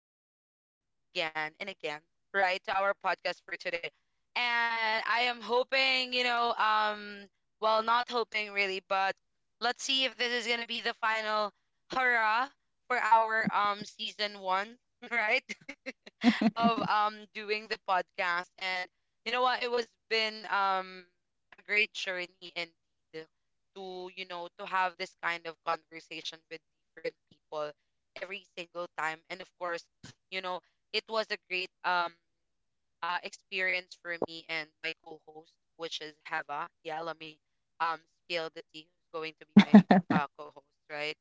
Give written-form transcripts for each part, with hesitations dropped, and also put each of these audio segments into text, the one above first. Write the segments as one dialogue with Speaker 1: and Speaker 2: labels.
Speaker 1: back again and again and again, right, to our podcast for today. And I am hoping, well, not hoping really, but let's see if this is gonna be the final hurrah for our season one, right? Of doing the podcast. And you know what, it was been a great journey indeed to, you know, to have this kind of conversation with different people every single time. And of course, you know, it was a great experience for me and my co-host, which is Heva. Yeah, let me um spill the tea who's going to be my co-host, right?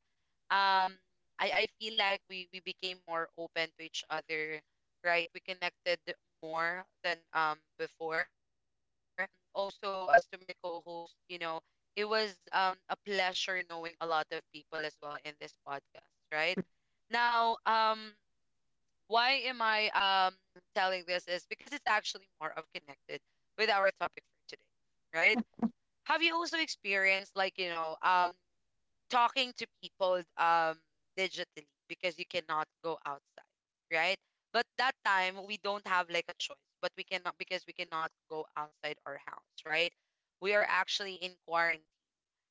Speaker 1: Um I I feel like we became more open to each other, right? We connected more than before. Also, as to my co-host, you know, it was a pleasure knowing a lot of people as well in this podcast, right? Now, um why am I telling this is because it's actually more of connected with our topic for today, right? Have you also experienced, like, talking to people digitally, because you cannot go outside, right? But that time, we don't have like a choice, but we cannot, because we cannot go outside our house, right? We are actually in quarantine.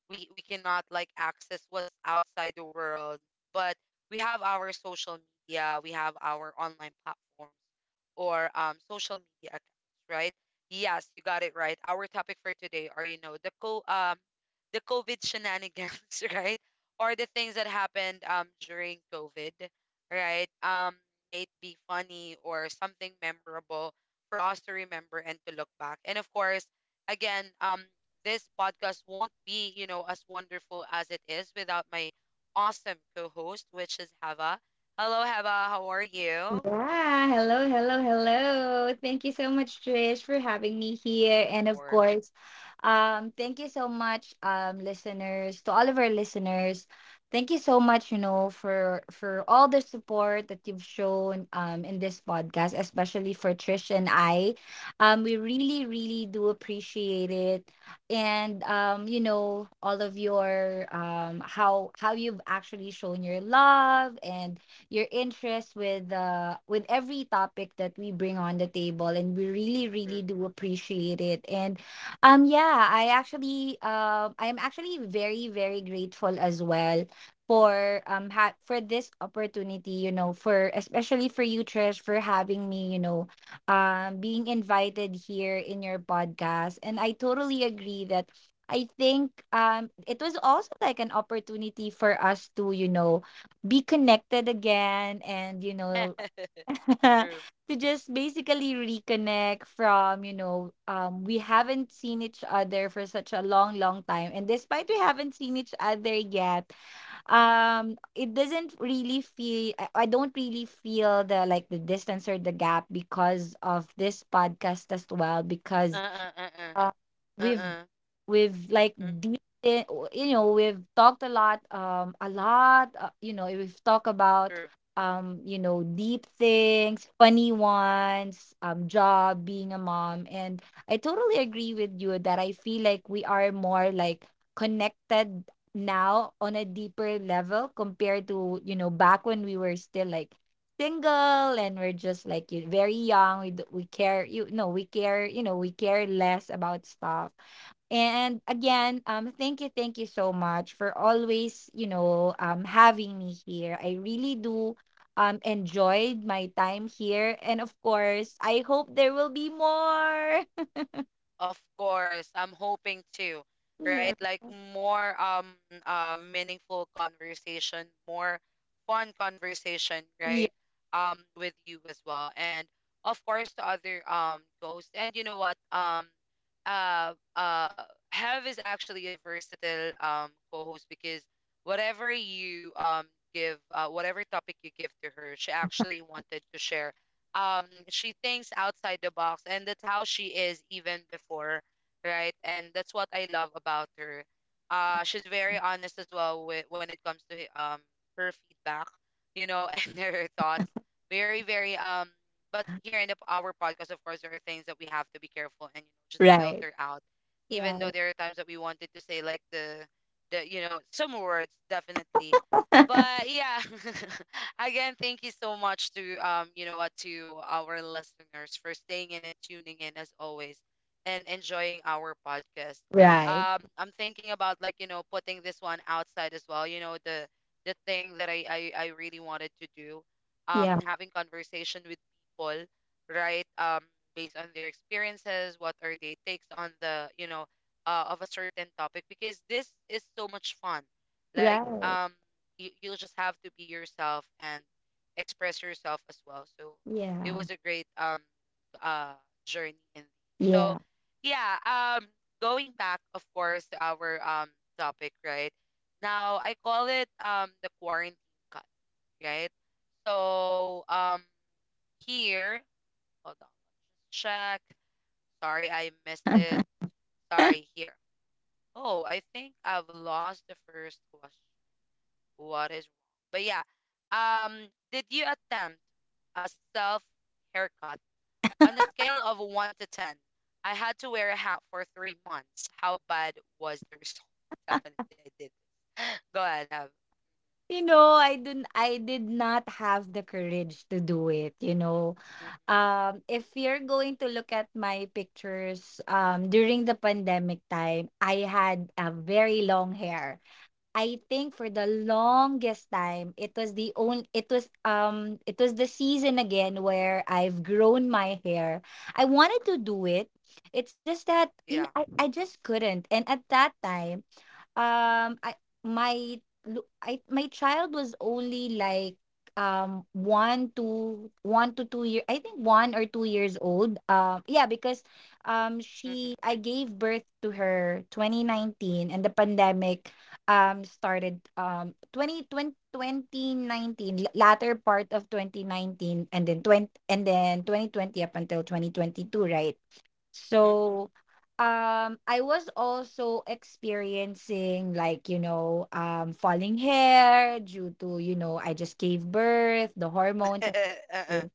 Speaker 1: We cannot, like, access what's outside the world. But we have our social media, we have our online platforms or social media accounts, right? Yes, you got it right. Our topic for today are, you know, the co the COVID shenanigans, right? Or the things that happened during COVID, right? May it be funny or something memorable for us to remember and to look back. And of course, again this podcast won't be, you know, as wonderful as it is without my awesome co-host, which is Hava. Hello, Hava. How are you?
Speaker 2: Yeah, hello, hello, hello. Thank you so much, Trish, for having me here.
Speaker 1: Of
Speaker 2: And of
Speaker 1: course.
Speaker 2: course, thank you so much, listeners, to all of our listeners. Thank you so much, you know, for all the support that you've shown in this podcast, especially for Trish and I. We really, really do appreciate it. And you know, all of your how you've actually shown your love and your interest with every topic that we bring on the table, and we really, really
Speaker 1: True.
Speaker 2: do appreciate it. And yeah, I'm actually very, very grateful as well for for this opportunity, you know, for especially for you, Trish, for having me, you know, being invited here in your podcast. And I totally agree that I think it was also like an opportunity for us to, you know, be connected again and you know.
Speaker 1: True.
Speaker 2: To just basically reconnect from, you know, we haven't seen each other for such a long, long time. And despite we haven't seen each other yet, it doesn't really feel I don't really feel the like the distance or the gap because of this podcast as well.
Speaker 1: Uh
Speaker 2: because
Speaker 1: uh uh uh
Speaker 2: uh,
Speaker 1: uh
Speaker 2: we've
Speaker 1: uh.
Speaker 2: we've like
Speaker 1: Mm.
Speaker 2: deep in, you know, we've talked a lot, a lot. You know, we've talked about
Speaker 1: True.
Speaker 2: you know, deep things, funny ones, job, being a mom, and I totally agree with you that I feel like we are more like connected now on a deeper level compared to, you know, back when we were still like single and we're just like you very young. We care, you no, we care, you know, we care less about stuff. And again, thank you so much for always, you know, having me here. I really do enjoyed my time here, and of course, I hope there will be more.
Speaker 1: Of course, I'm hoping to, right?
Speaker 2: Yeah.
Speaker 1: Like, more meaningful conversation, more fun conversation, right?
Speaker 2: Yeah.
Speaker 1: With you as well, and of course, the other ghosts. And you know what? Uh, uh, Hev is actually a versatile co-host, because whatever you give, whatever topic you give to her, she actually wanted to share. She thinks outside the box, and that's how she is even before, right? And that's what I love about her. She's very honest as well with, when it comes to her feedback, you know, and her thoughts, very very but here in the, our podcast, of course, there are things that we have to be careful and, you know, just
Speaker 2: Right.
Speaker 1: filter out, even though
Speaker 2: Right.
Speaker 1: there are times that we wanted to say, like, the you know, some words, definitely, but yeah. Again, thank you so much to, you know what, to our listeners for staying in and tuning in as always and enjoying our podcast.
Speaker 2: Right.
Speaker 1: I'm thinking about, like, you know, putting this one outside as well, you know, the thing that I really wanted to do,
Speaker 2: Yeah.
Speaker 1: having conversation with people, right? Based on their experiences, what are their takes on the, you know, of a certain topic, because this is so much fun. Like,
Speaker 2: Right.
Speaker 1: you'll just have to be yourself and express yourself as well. So it
Speaker 2: Yeah.
Speaker 1: was a great uh journey in, so
Speaker 2: Yeah.
Speaker 1: yeah, um going back, of course, to our topic, right? Now I call it the quarantine cut, right? So um here, hold on, check. Sorry, I missed it. Sorry, here. Oh, I think I've lost the first question. What is wrong? But yeah, did you attempt a self haircut? On a scale of one to ten, I had to wear a hat for 3 months. How bad was the result? Definitely, I did. Go ahead, Ev.
Speaker 2: You know, I did not have the courage to do it, you know.
Speaker 1: Mm,
Speaker 2: If you're going to look at my pictures during the pandemic time, I had a very long hair. I think for the longest time, it was the season again where I've grown my hair. I wanted to do it. It's just that, you
Speaker 1: yeah.
Speaker 2: know, I just couldn't. And at that time I my lu- I my child was only like 1 to 1 to 2 year, I think 1 or 2 years old. Yeah, because
Speaker 1: Mm-mm,
Speaker 2: she I gave birth to her 2019, and the pandemic started 20, 20 2019, l- latter part of 2019, and then 20, and then 2020 up until 2022, right?
Speaker 1: mm-mm.
Speaker 2: So I was also experiencing like, you know, falling hair due to, you know, I just gave birth, the hormones.
Speaker 1: Uh-uh.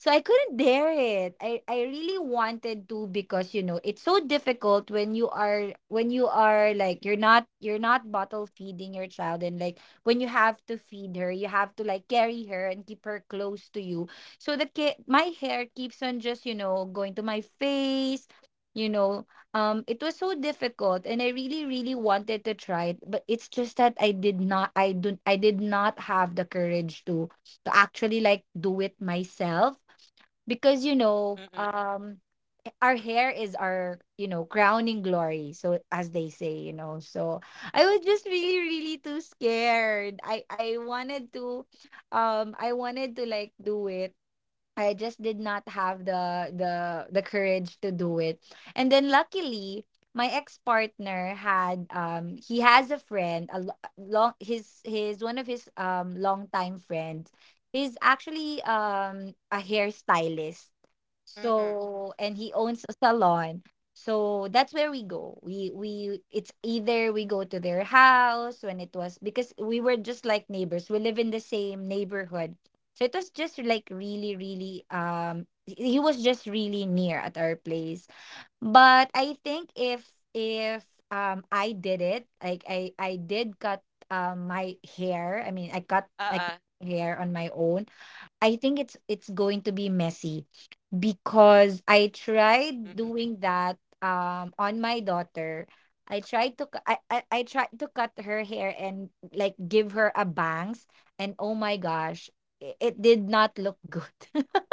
Speaker 2: So I couldn't dare it. I really wanted to, because, you know, it's so difficult when you are like you're not, you're not bottle feeding your child, and like when you have to feed her, you have to like carry her and keep her close to you. So my hair keeps on just, you know, going to my face. You know, it was so difficult, and I really, really wanted to try it, but it's just that I did not have the courage to actually like do it myself, because, you know,
Speaker 1: Mm-mm,
Speaker 2: our hair is our, you know, crowning glory, so as they say, you know. So I was just really, really too scared. I wanted to I wanted to like do it. I just did not have the the courage to do it. And then luckily, my ex-partner had, he has a friend, a lo- long his one of his longtime friends, he's actually a hairstylist.
Speaker 1: mm-mm.
Speaker 2: So, and he owns a salon. So that's where we go. We It's either we go to their house when it was, because we were just like neighbors. We live in the same neighborhood. So it was just like really, really he was just really near at our place. But I think if if I did it, like I did cut my hair. I mean, I cut like
Speaker 1: Uh-uh.
Speaker 2: hair on my own, I think it's going to be messy, because I tried doing that on my daughter. I tried to I tried to cut her hair and like give her a bangs, and oh my gosh, it did not look good.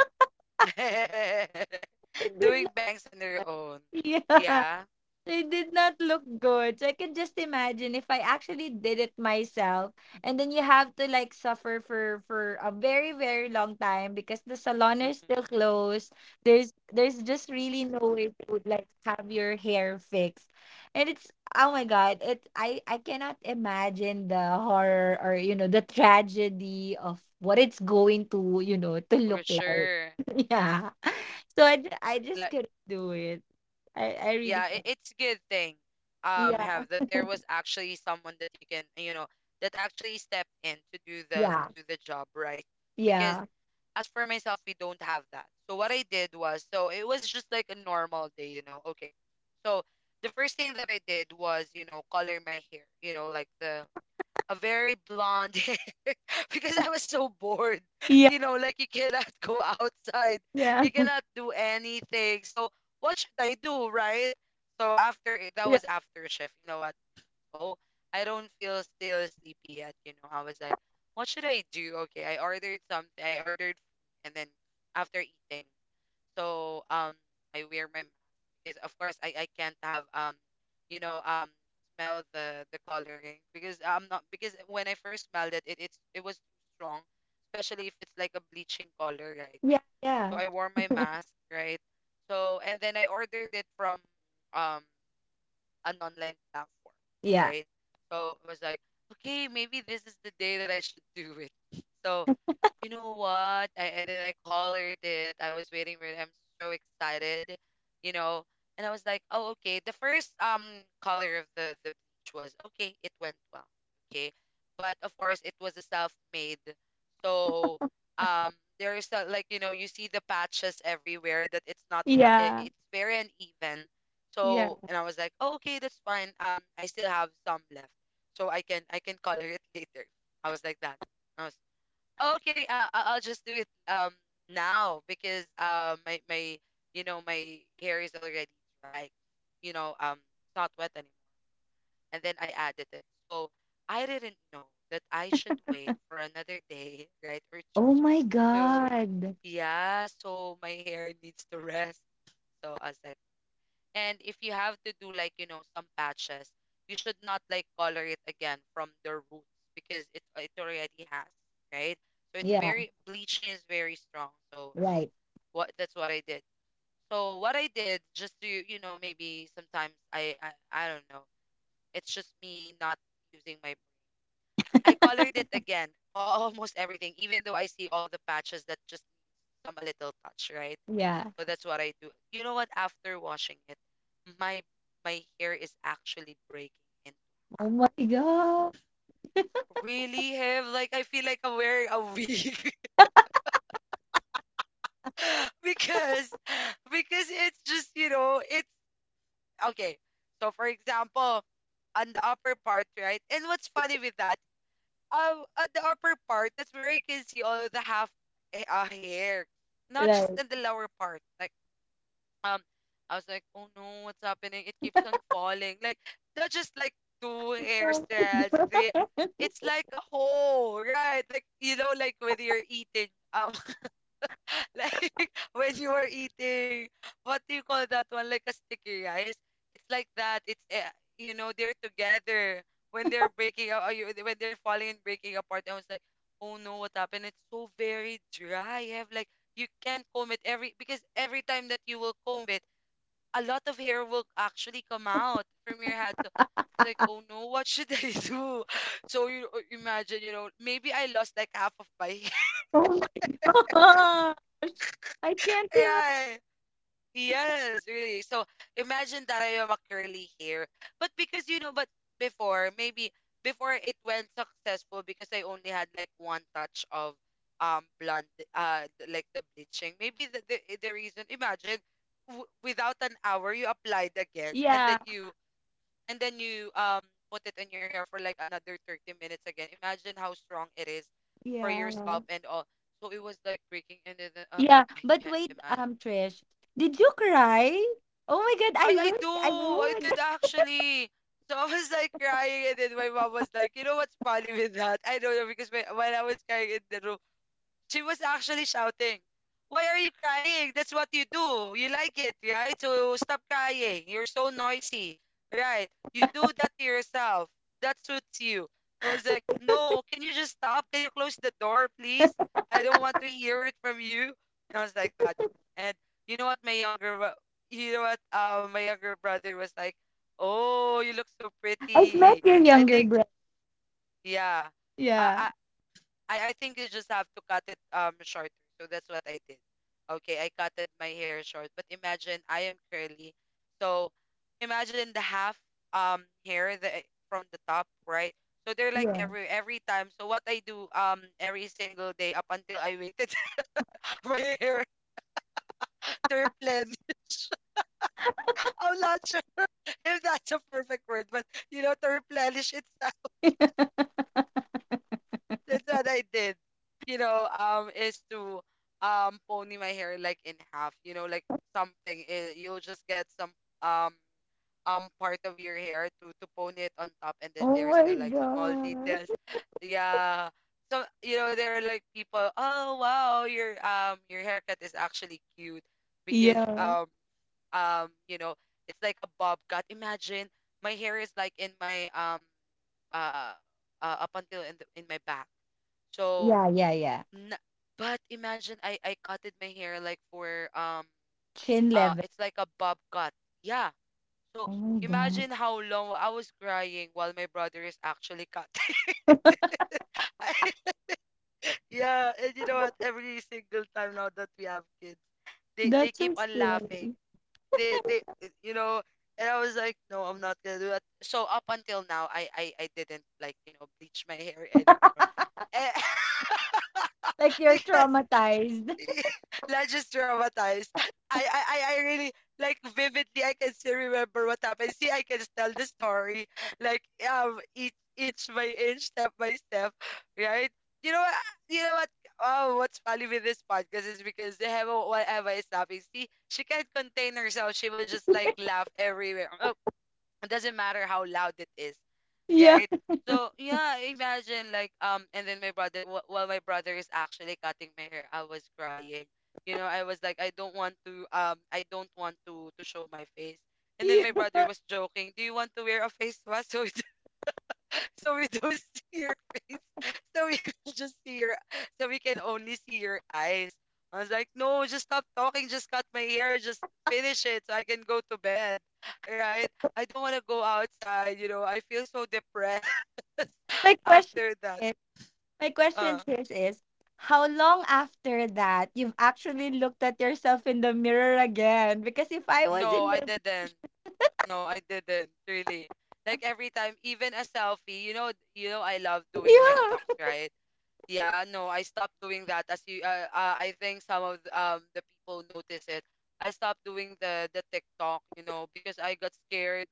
Speaker 1: Mm-mm.
Speaker 2: It did
Speaker 1: Doing
Speaker 2: not.
Speaker 1: bangs on your own.
Speaker 2: Yeah.
Speaker 1: Yeah.
Speaker 2: They did not look good. So I can just imagine if I actually did it myself, and then you have to like suffer for a very, very long time, because the salon is
Speaker 1: Mm-mm.
Speaker 2: still closed. There's just really no way to like have your hair fixed. And it's, oh my god, it I cannot imagine the horror or, you know, the tragedy of what it's going to, you know, to
Speaker 1: For
Speaker 2: look like.
Speaker 1: sure.
Speaker 2: Yeah. So I just
Speaker 1: Like,
Speaker 2: couldn't do it. I really.
Speaker 1: yeah, it's good thing
Speaker 2: Yeah.
Speaker 1: have that there was actually someone that you can, you know, that actually stepped in to
Speaker 2: Yeah.
Speaker 1: do the job, right? Because
Speaker 2: Yeah.
Speaker 1: as for myself, we don't have that. So what I did was, so it was just like a normal day, you know. Okay, so the first thing that I did was, you know, color my hair, you know, like the a very blonde hair, because I was so bored.
Speaker 2: Yeah.
Speaker 1: You know, like, you cannot go outside,
Speaker 2: Yeah.
Speaker 1: you cannot do anything. So what should I do, right? So after it- that
Speaker 2: Yeah.
Speaker 1: was after shift. You know what? Oh, I don't feel still sleepy yet. You know, I was like, what should I do? Okay, I ordered something. I ordered food, and then after eating. So um I wear my mask, because of course, I can't have you know um smell the coloring, because I'm not, because when I first smelled it, it it was too strong, especially if it's like a bleaching color, right?
Speaker 2: Yeah.
Speaker 1: So
Speaker 2: Yeah.
Speaker 1: I wore my mask, right? So and then I ordered it from um an online platform,
Speaker 2: Yeah.
Speaker 1: right? So I was like, okay, maybe this is the day that I should do it. So, you know what? I and then I collared it. I was waiting for it. I'm so excited, you know. And I was like, oh, okay. The first color of the bleach was okay. It went well, okay. But of course, it was a self-made. So there's a, like, you know, you see the patches everywhere. That it's not an
Speaker 2: Yeah.
Speaker 1: it's very uneven.
Speaker 2: Yeah.
Speaker 1: So, and I was like, oh okay, that's fine. I still have some left, so I can color it later. I was like that. I was okay. I'll just do it now, because my my you know my hair is already dry. You know, it's not wet anymore. And then I added it. So I didn't know that I should wait for another day, right? Or two.
Speaker 2: Oh my
Speaker 1: So
Speaker 2: god.
Speaker 1: yeah, so my hair needs to rest. So I was like, and if you have to do, like, you know, some patches, you should not, like, color it again from the roots, because it already has, right? So it's
Speaker 2: Yeah.
Speaker 1: very bleaching is very strong. So
Speaker 2: Right.
Speaker 1: what, that's what I did. So what I did, just to, you know, maybe sometimes I don't know, it's just me not using my, I colored it again, almost everything, even though I see all the patches that just needs some a little touch, right?
Speaker 2: Yeah.
Speaker 1: So that's what I do. You know what? After washing it, my my hair is actually breaking into
Speaker 2: Oh
Speaker 1: half.
Speaker 2: my god.
Speaker 1: Really, have like I feel like I'm wearing a wig, because because it's just, you know, it's okay. So for example, on the upper part, right? And what's funny with that? At the upper part, that's where you can see all the half hair, not just
Speaker 2: Right.
Speaker 1: in the lower part. Like um I was like, oh no, what's happening? It keeps on falling. Like not just like two hairstyles, three. It's like a whole, right? Like, you know, like when you're eating, like when you are eating, what do you call that one? Like a sticky rice. It's like that. It's You know, they're together when they're breaking up. When they're falling and breaking apart, I was like, oh no, what happened? It's so very dry. I have like you can't comb it every, because every time that you will comb it, a lot of hair will actually come out from your head. So it's like, oh no, what should I do? So you, imagine, you know, maybe I lost like half of my hair.
Speaker 2: Oh my god. Oh my gosh. I can't imagine.
Speaker 1: Yeah. Yes, really. So imagine that I am a curly hair. But because, you know, but before, maybe before it went successful because I only had like one touch of blonde like the bleaching. Maybe the reason, imagine without an hour you applied again,
Speaker 2: Yeah.
Speaker 1: and then you put it in your hair for like another 30 minutes again. Imagine how strong it is for your
Speaker 2: Yeah.
Speaker 1: scalp and all. So it was like breaking and then
Speaker 2: Yeah.
Speaker 1: I
Speaker 2: But
Speaker 1: can't
Speaker 2: wait,
Speaker 1: imagine.
Speaker 2: Trish, did you cry? Oh my god, I
Speaker 1: I
Speaker 2: would.
Speaker 1: do.
Speaker 2: I
Speaker 1: I did
Speaker 2: would.
Speaker 1: actually. So I was like crying, and then my mom was like, "You know what's funny with that?" I don't know because my, when I was crying in the room, she was actually shouting, "Why are you crying? That's what you do. You like it, right? So stop crying. You're so noisy, right? You do that to yourself." That suits you. I was like, "No, can you just stop? Can you close the door, please? I don't want to hear it from you." I was like that. And you know what, my younger, bro- My younger brother was like, "Oh, you look so
Speaker 2: I've met
Speaker 1: pretty."
Speaker 2: your
Speaker 1: I
Speaker 2: younger
Speaker 1: think,
Speaker 2: brother.
Speaker 1: yeah.
Speaker 2: Yeah.
Speaker 1: I, I think you just have to cut it shorter. So that's what I did. Okay, I cutted my hair short. But imagine I am curly. So imagine the half hair from the top, right? So they're like
Speaker 2: Yeah.
Speaker 1: every time. So what I do every single day up until I waited my hair to replenish. I'm not sure if that's a perfect word, but you know, to replenish it's. That's what I did. Is to pony my hair like in half. You know, like something. You'll just get some um part of your hair to pony it on top, and then
Speaker 2: Oh
Speaker 1: there's
Speaker 2: my
Speaker 1: still like small details.
Speaker 2: god.
Speaker 1: Yeah. So you know, there are like people, "Oh wow, your haircut is actually cute because
Speaker 2: Yeah.
Speaker 1: you know it's like a bob cut." Imagine my hair is like in my uh, up until in in my back. So
Speaker 2: Yeah, yeah, yeah.
Speaker 1: N but imagine I cutted my hair like for
Speaker 2: Chin level.
Speaker 1: it's like a bob cut. Yeah. So
Speaker 2: Oh my god.
Speaker 1: imagine how long I was crying while my brother is actually cutting. I- yeah, and you know what? Every single time now that we have kids, they
Speaker 2: That's
Speaker 1: keep
Speaker 2: so
Speaker 1: on laughing.
Speaker 2: scary.
Speaker 1: They You know, and I was like, "No, I'm not gonna do that." So up until now, I didn't, like, you know, bleach my hair anymore. Eh,
Speaker 2: Like you're
Speaker 1: because
Speaker 2: traumatized.
Speaker 1: not just traumatized. I really like vividly. I can still remember what happened. See, I can tell the story like, each inch by inch, step by step, right? You know what? You know what? Oh, what's funny with this podcast is because they have a whatever is laughing. See, she can't contain herself. She will just like laugh everywhere. Oh, it doesn't matter how loud it is,
Speaker 2: Yeah.
Speaker 1: right? So yeah, imagine, like, and then my brother while my brother is actually cutting my hair, I was crying. You know, I was like, "I don't want to I don't want to show my face." And then
Speaker 2: Yeah.
Speaker 1: my brother was joking, "Do you want to wear a face mask so so we don't see your face? So we just see your, so we can only see your eyes." I was like, "No, just stop talking. Just cut my hair. Just finish it so I can go to bed. Right? I don't want to go outside." You know, I feel so depressed
Speaker 2: My question
Speaker 1: after that.
Speaker 2: is, my question,
Speaker 1: Uh,
Speaker 2: Trish, is how long after that you've actually looked at yourself in the mirror again? Because if I was
Speaker 1: no,
Speaker 2: in
Speaker 1: I
Speaker 2: your
Speaker 1: didn't. No, I didn't really. Like every time, even a selfie. You know, I love doing TikToks, right? Yeah, no, I stopped doing that as you I think some of the people notice it. I stopped doing the TikTok, you know, because I got scared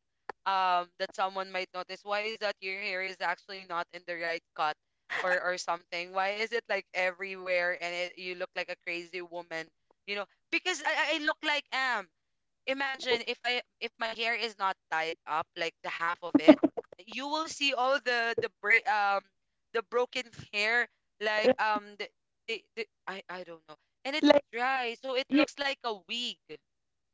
Speaker 1: that someone might notice, why is that your hair is actually not in the right cut, or something. Why is it like everywhere? And it, you look like a crazy woman, you know? Because I look like am, imagine if I if my hair is not tied up, like the half of it, you will see all the break the broken hair
Speaker 2: Yeah.
Speaker 1: like, the I don't know. And it's
Speaker 2: Like
Speaker 1: dry, so it
Speaker 2: you,
Speaker 1: looks like a wig.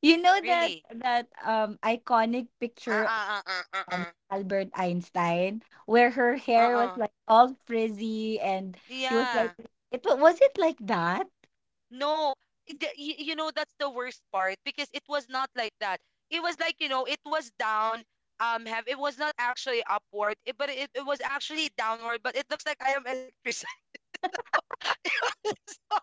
Speaker 2: you know that,
Speaker 1: Really.
Speaker 2: that iconic picture
Speaker 1: Uh-uh, uh-uh,
Speaker 2: um,
Speaker 1: uh-uh.
Speaker 2: Albert Einstein, where her hair was
Speaker 1: Uh-uh.
Speaker 2: like all frizzy, and it was like
Speaker 1: Yeah.
Speaker 2: was it like that?
Speaker 1: No. You know that's the worst part, because it was not like that. It was like, you know, it was down, have it was not actually upward it, but it was actually downward, but it looks like I am electric. So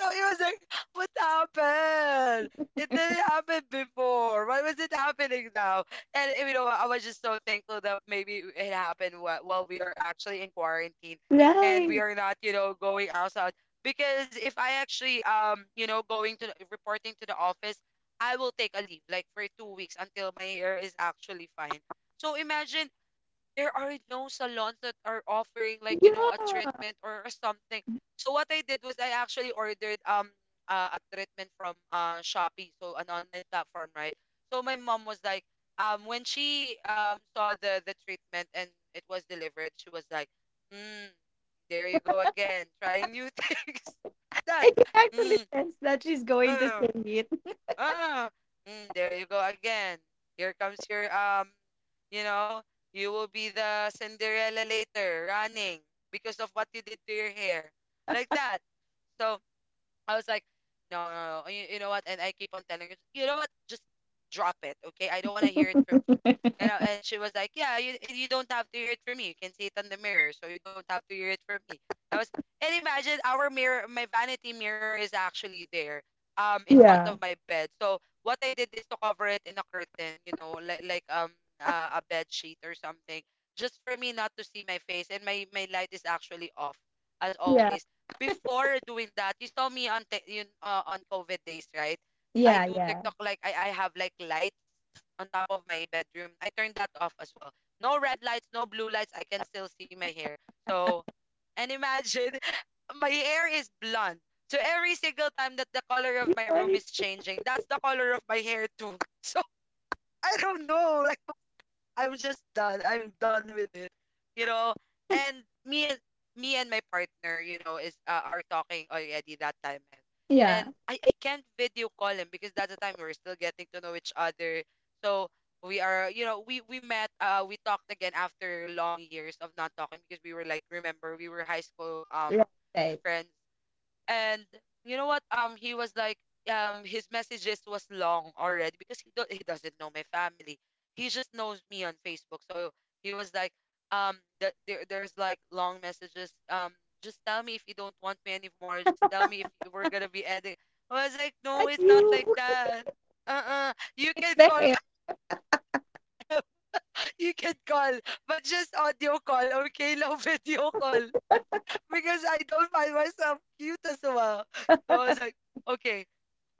Speaker 1: so he was like, "What happened? It didn't happen before. Why was it happening now?" And you know what, I was just so thankful that maybe it happened while we are actually in quarantine, and we
Speaker 2: Right.
Speaker 1: are not, you know, going outside. Because if I actually, you know, going to reporting to the office, I will take a leave like for 2 weeks until my hair is actually fine. So imagine there are no salons that are offering like, you know, a
Speaker 2: Yeah,
Speaker 1: treatment or something. So what I did was I actually ordered a treatment from Shopee, so an online platform, right? So my mom was like, when she saw the treatment and it was delivered, she was like, "Mm, there you go again, trying new things." That,
Speaker 2: I can actually
Speaker 1: mm,
Speaker 2: sense that she's going to
Speaker 1: uh.
Speaker 2: sing it.
Speaker 1: Ah, mm, there you go again. Here comes your you know, you will be the Cinderella later, running because of what you did to your hair, like that. So I was like, "No, no, no. You know what?" And I keep on telling her, "You know what? Just drop it, okay? I don't want to hear it from you." And I, and she was like, "Yeah, you and you don't have to hear it from me. You can see it on the mirror, so you don't have to hear it from me." I was, and imagine our mirror, my vanity mirror is actually there, in front
Speaker 2: Yeah,
Speaker 1: of my bed. So what I did is to cover it in a curtain, you know, like, a bed sheet or something, just for me not to see my face. And my light is actually off, as
Speaker 2: yeah,
Speaker 1: always before doing that. You saw me on yun, on COVID days, right? I
Speaker 2: yeah,
Speaker 1: do
Speaker 2: yeah,
Speaker 1: TikTok like I have like lights on top of my bedroom. I turned that off as well. No red lights, no blue lights. I can still see my hair. So, and imagine my hair is blonde. So every single time that the color of my room
Speaker 2: right.
Speaker 1: is changing, that's the color of my hair too. So I don't know. Like I'm just done. I'm done with it. You know, and me and me and my partner, you know, is are talking already that time, man.
Speaker 2: Yeah,
Speaker 1: And I can't video call him because that's the time we are still getting to know each other. So we are, you know, we met, we talked again after long years of not talking because we were like, remember, we were high school
Speaker 2: right. Right.
Speaker 1: friends. And you know what, he was like, his messages was long already because he he doesn't know my family. He just knows me on Facebook. So he was like, there there's like long messages, just tell me if you don't want me anymore, just tell me if you were gonna be ending. I was like, "No,
Speaker 2: At
Speaker 1: it's not
Speaker 2: you,
Speaker 1: like that. Uh-uh, you can
Speaker 2: back
Speaker 1: call
Speaker 2: air.
Speaker 1: you can call, but just audio call, okay? No video call, because I don't find myself cute as well." So I was like, okay,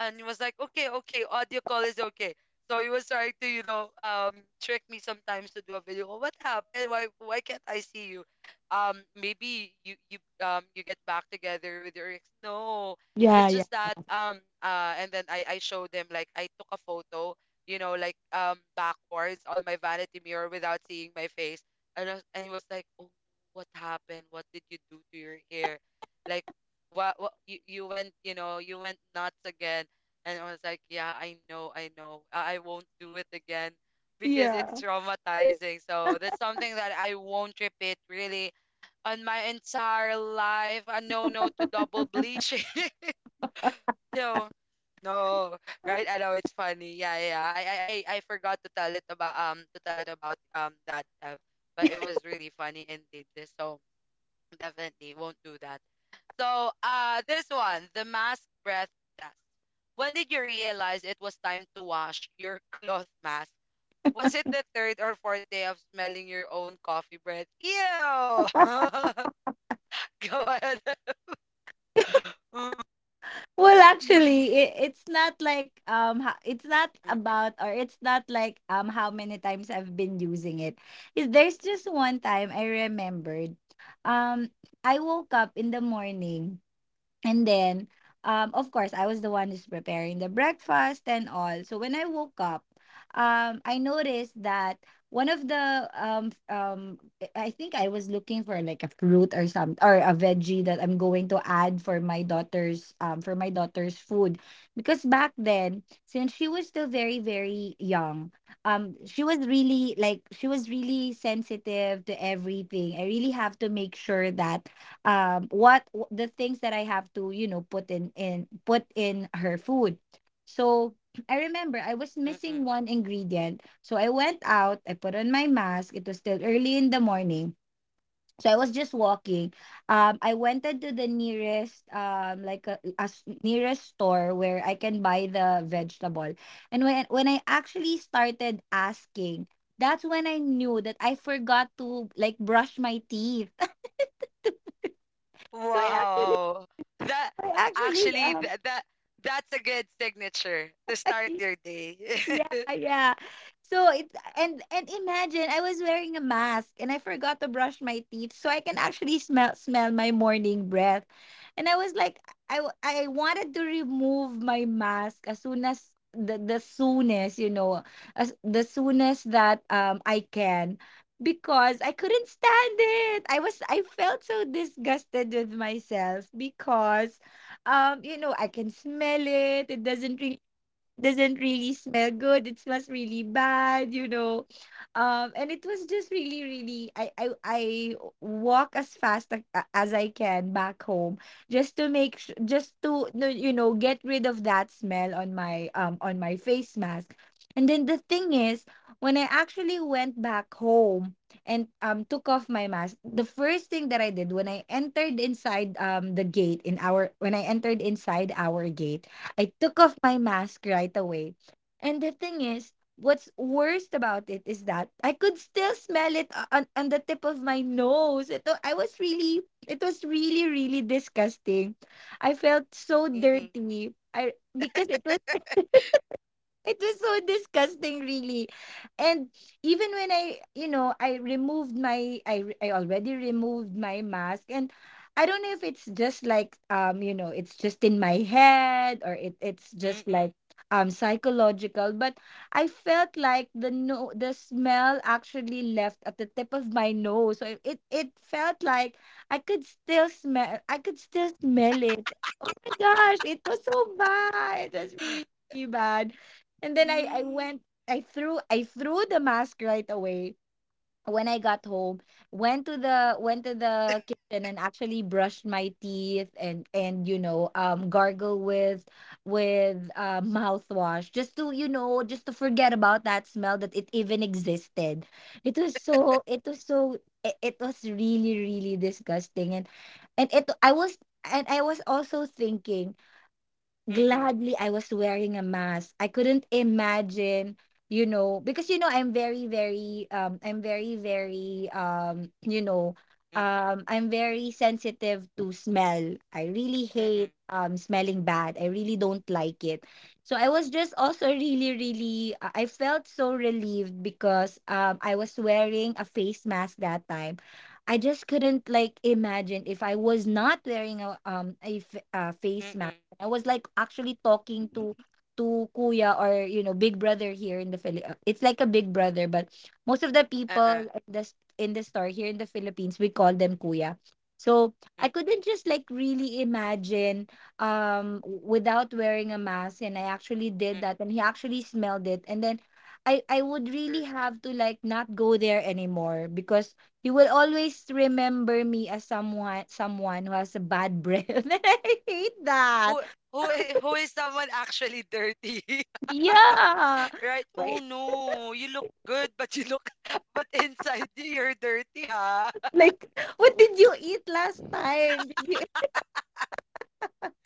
Speaker 1: and he was like, "Okay, okay, audio call is okay." So he was trying to, you know, trick me sometimes to do a video call. "What happened? Why can't I see you? Maybe you get back together with your ex." "No,
Speaker 2: Yeah,
Speaker 1: it's
Speaker 2: yeah,
Speaker 1: just that, and then I showed him like I took a photo, you know, like backwards on my vanity mirror without seeing my face," and and he was like, "Oh, what happened? What did you do to your hair? Like, what you went, you know, you went nuts again." And I was like, "Yeah, I know, I know. I won't do it again because it's
Speaker 2: yeah.
Speaker 1: traumatizing." So that's something that I won't repeat really on my entire life. A no no to double bleaching. So no, right? I know it's funny. Yeah, yeah, yeah. I forgot to tell it about to tell it about that Ev, but it was really funny indeed. So definitely won't do that. So, this one, the mask breath test. When did you realize it was time to wash your cloth mask? Was it the third or fourth day of smelling your own coffee breath? Ew! Go ahead. Mm,
Speaker 2: Well,
Speaker 1: mm-mm.
Speaker 2: actually, it's not like it's not
Speaker 1: Mm,
Speaker 2: about or it's not like how many times I've been using it. Is there's just one time I remembered. Um I woke up in the morning, and then, of course, I was the one who's preparing the breakfast and all. So when I woke up, I noticed that one of the I think I was looking for like a fruit or some or a veggie that I'm going to add for my daughter's food, because back then since she was still very, very young, she was really sensitive to everything. I really have to make sure that the things that I have to, you know, put in put in her food. So I remember I was
Speaker 1: mm,
Speaker 2: missing
Speaker 1: mm.
Speaker 2: one ingredient. So I went out, I put on my mask. It was still early in the morning. So I was just walking. I went into the nearest, like a, nearest store where I can buy the vegetable. And when I actually started asking, that's when I knew that I forgot to like brush my teeth.
Speaker 1: Wow. That,
Speaker 2: I actually
Speaker 1: actually that, that that's a good signature to start your day.
Speaker 2: yeah, yeah. So it and imagine, I was wearing a mask and I forgot to brush my teeth, so I can actually smell my morning breath. And I was like, I wanted to remove my mask as soon as the soonest, you know, as the soonest that I can, because I couldn't stand it. I felt so disgusted with myself, because you know, I can smell it. Doesn't really smell good. It smells really bad, you know. And it was just really, really. I walk as a- as I can back home, just to just to no, you know, get rid of that smell on my face mask. And then the thing is, when I actually went back home and took off my mask, the first thing that I did when I entered inside the gate in our when I entered inside our gate, I took off my mask right away. And the thing is, what's worst about it is that I could still smell it on the tip of my nose. I was really, it was really, really disgusting. I felt so
Speaker 1: Mm-mm,
Speaker 2: dirty. I Because it was so disgusting, really. And even when I, I removed my, I, re- I already removed my mask. And I don't know if it's just like, it's just in my head or it's just
Speaker 1: mm-mm.
Speaker 2: like, psychological. But I felt like the no, the smell actually left at the tip of my nose. So it felt like I could still smell it. Oh my gosh, it was so bad. It was really, really bad, and then I
Speaker 1: Mm.
Speaker 2: went I threw the mask right away when I got home. Went to the kitchen and actually brushed my teeth, and gargle with mouthwash just to just to forget about that smell, that it even existed. It was really really disgusting. And it I was and I was also thinking,
Speaker 1: Mm-mm,
Speaker 2: gladly I was wearing a mask. I couldn't imagine, you know, because I'm very, very,
Speaker 1: mm-mm,
Speaker 2: I'm very sensitive to smell. I really
Speaker 1: mm-mm,
Speaker 2: hate smelling bad. I really don't like it. So I was just also really, I felt so relieved because I was wearing a face mask that time. I just couldn't like imagine if I was not wearing a face mask.
Speaker 1: mm-mm,
Speaker 2: I was like actually talking to kuya, or you know, big brother, here in the Philip. It's like a big brother, but most of the
Speaker 1: uh-uh,
Speaker 2: people in the store here in the Philippines we call them kuya. So I couldn't just like really imagine without wearing a mask, and I actually
Speaker 1: mm-mm.
Speaker 2: did that, and he actually smelled it, and then I, would really
Speaker 1: True.
Speaker 2: have to like not go there anymore because he will always remember me as someone who has a bad breath. And I hate that.
Speaker 1: Who who who is someone actually dirty,
Speaker 2: Yeah.
Speaker 1: right? Oh
Speaker 2: Right?
Speaker 1: no, you look good, but you look, but inside you, you're dirty, huh?
Speaker 2: Like, what did you eat last time? Did you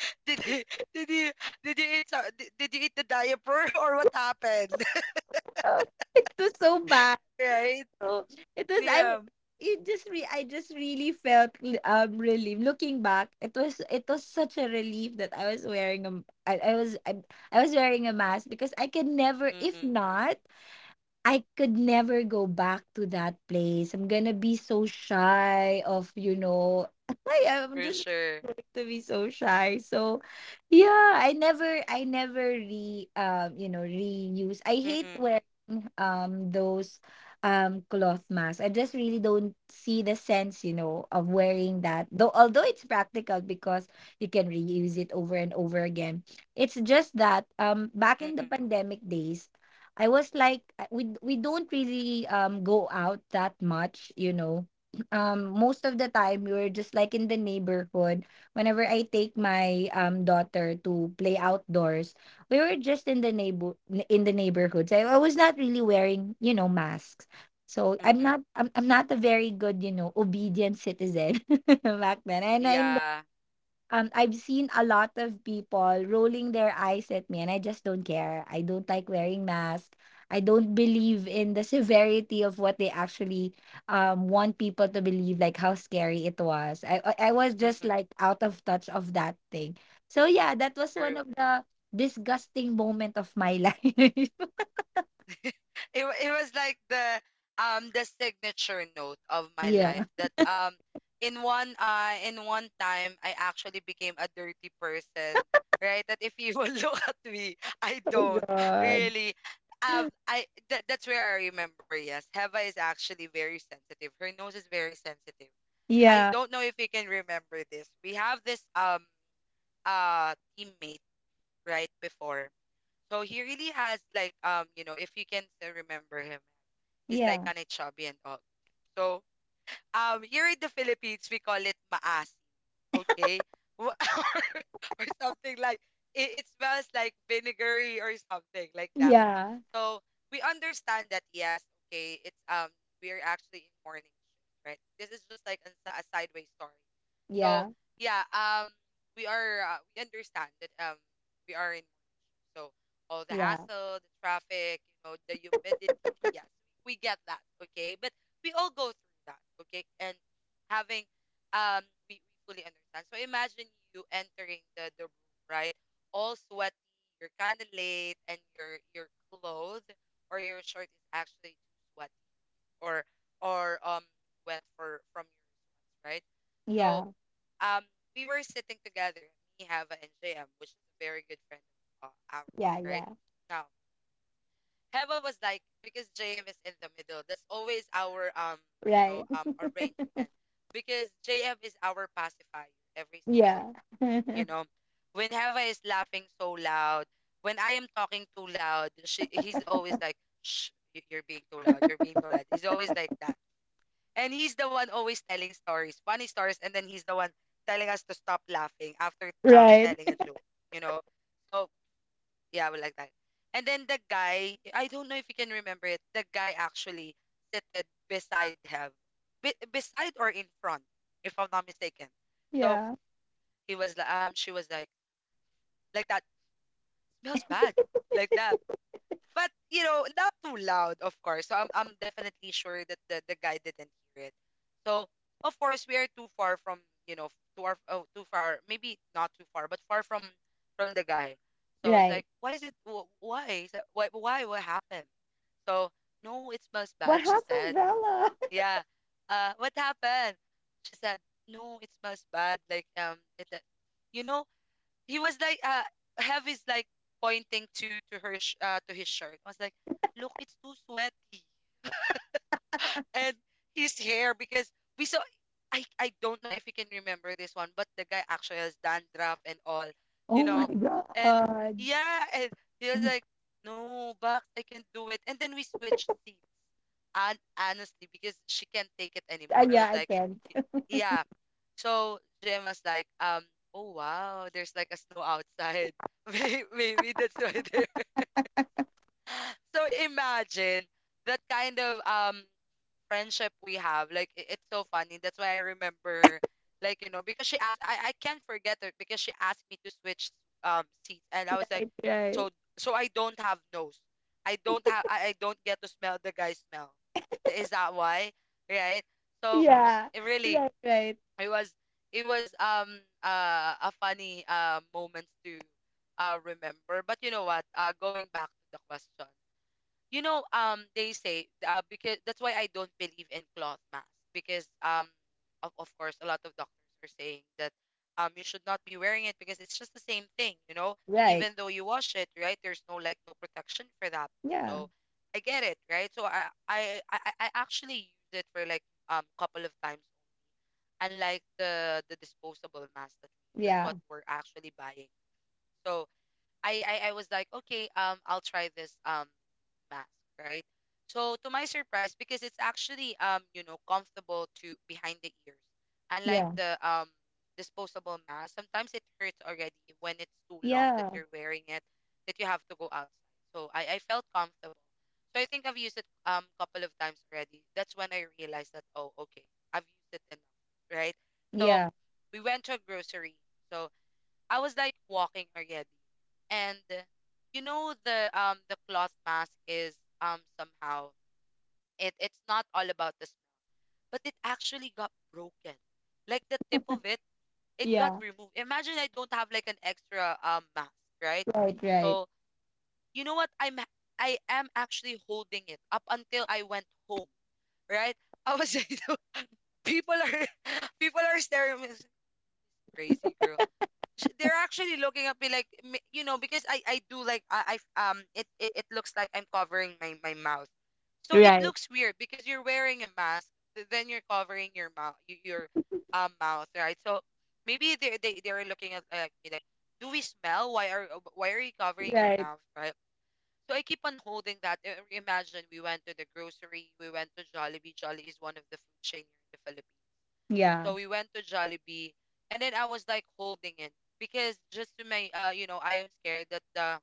Speaker 1: Did you did you did you eat so- did you eat the diaper or what happened,
Speaker 2: Oh, it was so bad.
Speaker 1: right?
Speaker 2: So it was I
Speaker 1: Yeah.
Speaker 2: w- I just really felt relief. Looking back, it was such a relief that I was wearing a I was wearing a mask, because I can never if
Speaker 1: Mm-mm,
Speaker 2: not, I could never go back to that place. I'm gonna be so shy of, you know, I am
Speaker 1: for
Speaker 2: just
Speaker 1: sure.
Speaker 2: going to be so shy. So yeah, I never reuse. I hate
Speaker 1: Mm-mm,
Speaker 2: wearing those cloth masks. I just really don't see the sense, you know, of wearing that. Though although it's practical because you can reuse it over and over again. It's just that back in the
Speaker 1: mm-mm,
Speaker 2: pandemic days I was like we don't really go out that much, you know. Most of the time we were just like in the neighborhood. Whenever I take my daughter to play outdoors, we were just in the neighborhoods. I, was not really wearing, you know, masks. So
Speaker 1: mm-mm.
Speaker 2: I'm not a very good, you know, obedient citizen back then. And I
Speaker 1: Yeah.
Speaker 2: I've seen a lot of people rolling their eyes at me, and I just don't care. I don't like wearing masks. I don't believe in the severity of what they actually want people to believe, like how scary it was. I was just
Speaker 1: Mm-mm,
Speaker 2: like out of touch of that thing. So yeah, that was one
Speaker 1: true.
Speaker 2: of the disgusting moment of my life.
Speaker 1: It was like the signature note of my
Speaker 2: Yeah.
Speaker 1: life that in one time I actually became a dirty person, right? That if you will look at me, I
Speaker 2: Oh
Speaker 1: don't
Speaker 2: God.
Speaker 1: really I that that's where I remember. Yes, Heva is actually very sensitive. Her nose is very sensitive. I
Speaker 2: Yeah.
Speaker 1: don't know if you can remember this. We have this teammate, right? Before, so he really has like, you know, if you can still remember him, he's like
Speaker 2: Yeah.
Speaker 1: kind of chubby and all. So here in the Philippines, we call it maas, okay. Wha- or something like, it smells like vinegary or something like that.
Speaker 2: Yeah.
Speaker 1: So we understand that, yes, okay, it's we're actually in morning shift, right? This is just like a, a sideways story. So
Speaker 2: Yeah.
Speaker 1: yeah, we are we understand that we are in so all the
Speaker 2: Yeah.
Speaker 1: hassle, the traffic, you know, the humidity. Yes, we get that. Okay, but we all go through that. Okay, and having um, we fully understand. So imagine you entering the room, right? All sweaty, you're kind of late, and your clothes or your shirt is actually too sweaty, or or wet for from your sweats, right? So,
Speaker 2: Yeah.
Speaker 1: um, we were sitting together, me, Hava, and JM, which is a very good friend of
Speaker 2: Yeah.
Speaker 1: ours,
Speaker 2: Yeah.
Speaker 1: right? Now, Hava was like, because JM is in the middle, that's always our
Speaker 2: Right.
Speaker 1: arrangement. Because JM is our pacifier every single
Speaker 2: Yeah.
Speaker 1: time, you know. When Hava is laughing so loud, when I am talking too loud, she he's always like, shh, you're being too loud, you're being too loud. He's always like that. And he's the one always telling stories, funny stories, and then he's the one telling us to stop laughing after
Speaker 2: Right.
Speaker 1: telling a joke, you know. So yeah, we like that. And then the guy, I don't know if you can remember it. The guy actually seated beside him, beside or in front, if I'm not mistaken. So
Speaker 2: Yeah.
Speaker 1: she was like that smells bad, like that. But you know, not too loud, of course. So I'm definitely sure that the guy didn't hear it. So of course we are too far from, you know, too far oh, too far maybe not too far but far from the guy. So it's
Speaker 2: Right.
Speaker 1: like, why is it, wh- why is that- why what happened? So no, it smells
Speaker 2: What
Speaker 1: bad. She
Speaker 2: happened,
Speaker 1: said,
Speaker 2: Bella?
Speaker 1: yeah. What happened? She said, no, it smells bad. Like, it you know, he was like, Hev is like pointing to to his shirt. I was like, look, it's too sweaty, and his hair, because we saw. I don't know if you can remember this one, but the guy actually has dandruff and all, you
Speaker 2: Oh my
Speaker 1: know, and
Speaker 2: God.
Speaker 1: yeah, and he was like, no, but I can't do it. And then we switched seats, and honestly, because she can't take it anymore, I was
Speaker 2: Yeah, I
Speaker 1: like,
Speaker 2: can't.
Speaker 1: yeah. So Jim was like, oh wow, there's like a snow outside. Maybe that's why there. So imagine that kind of friendship we have. Like, it's so funny. That's why I remember, like, you know, because she asked. I can't forget her because she asked me to switch seats, and I was like,
Speaker 2: Right.
Speaker 1: so I don't have nose. I don't have. I don't get to smell the guy's smell. Is that why? Right. So
Speaker 2: Yeah.
Speaker 1: it really,
Speaker 2: Right. Right.
Speaker 1: it was it was, a funny moment to remember. But you know what, going back to the question, you know, they say, because that's why I don't believe in cloth mask, because, of course, a lot of doctors are saying that you should not be wearing it because it's just the same thing, you know,
Speaker 2: Right.
Speaker 1: even though you wash it, right? There's no like no protection for that.
Speaker 2: Yeah.
Speaker 1: So I get it, right? So I actually use it for like couple of times, unlike the disposable mask that we use. That's
Speaker 2: Yeah.
Speaker 1: what we're actually buying. So I was like, okay, I'll try this. Mask, right? So to my surprise, because it's actually, you know, comfortable to behind the ears. Unlike
Speaker 2: Yeah.
Speaker 1: the disposable mask, sometimes it hurts already when it's too long that
Speaker 2: Yeah.
Speaker 1: you're wearing it, that you have to go outside. So I felt comfortable. So I think I've used it couple of times already. That's when I realized that, oh, okay, I've used it enough, right? So
Speaker 2: Yeah.
Speaker 1: we went to a grocery. So, I was like walking already. And you know the cloth mask is somehow, it's not all about the smell, but it actually got broken. Like the tip of it, it got
Speaker 2: Yeah.
Speaker 1: removed. Imagine I don't have like an extra mask, right?
Speaker 2: Right. Right.
Speaker 1: So you know what? I am actually holding it up until I went home, right? I was people are people are staring at me, crazy girl. They're actually looking at me like, you know, because I do like, it it looks like I'm covering my mouth, so it
Speaker 2: Right.
Speaker 1: looks weird because you're wearing a mask, then you're covering your mouth, your mouth, right. So maybe they're looking at like me like, do we smell? Why are, why are you covering your
Speaker 2: Right.
Speaker 1: mouth, right? So I keep on holding that. Imagine we went to the grocery, we went to Jollibee. Jollibee is one of the food chain here in the Philippines.
Speaker 2: Yeah.
Speaker 1: So we went to Jollibee, and then I was like holding it because, just to my you know, I am scared that the,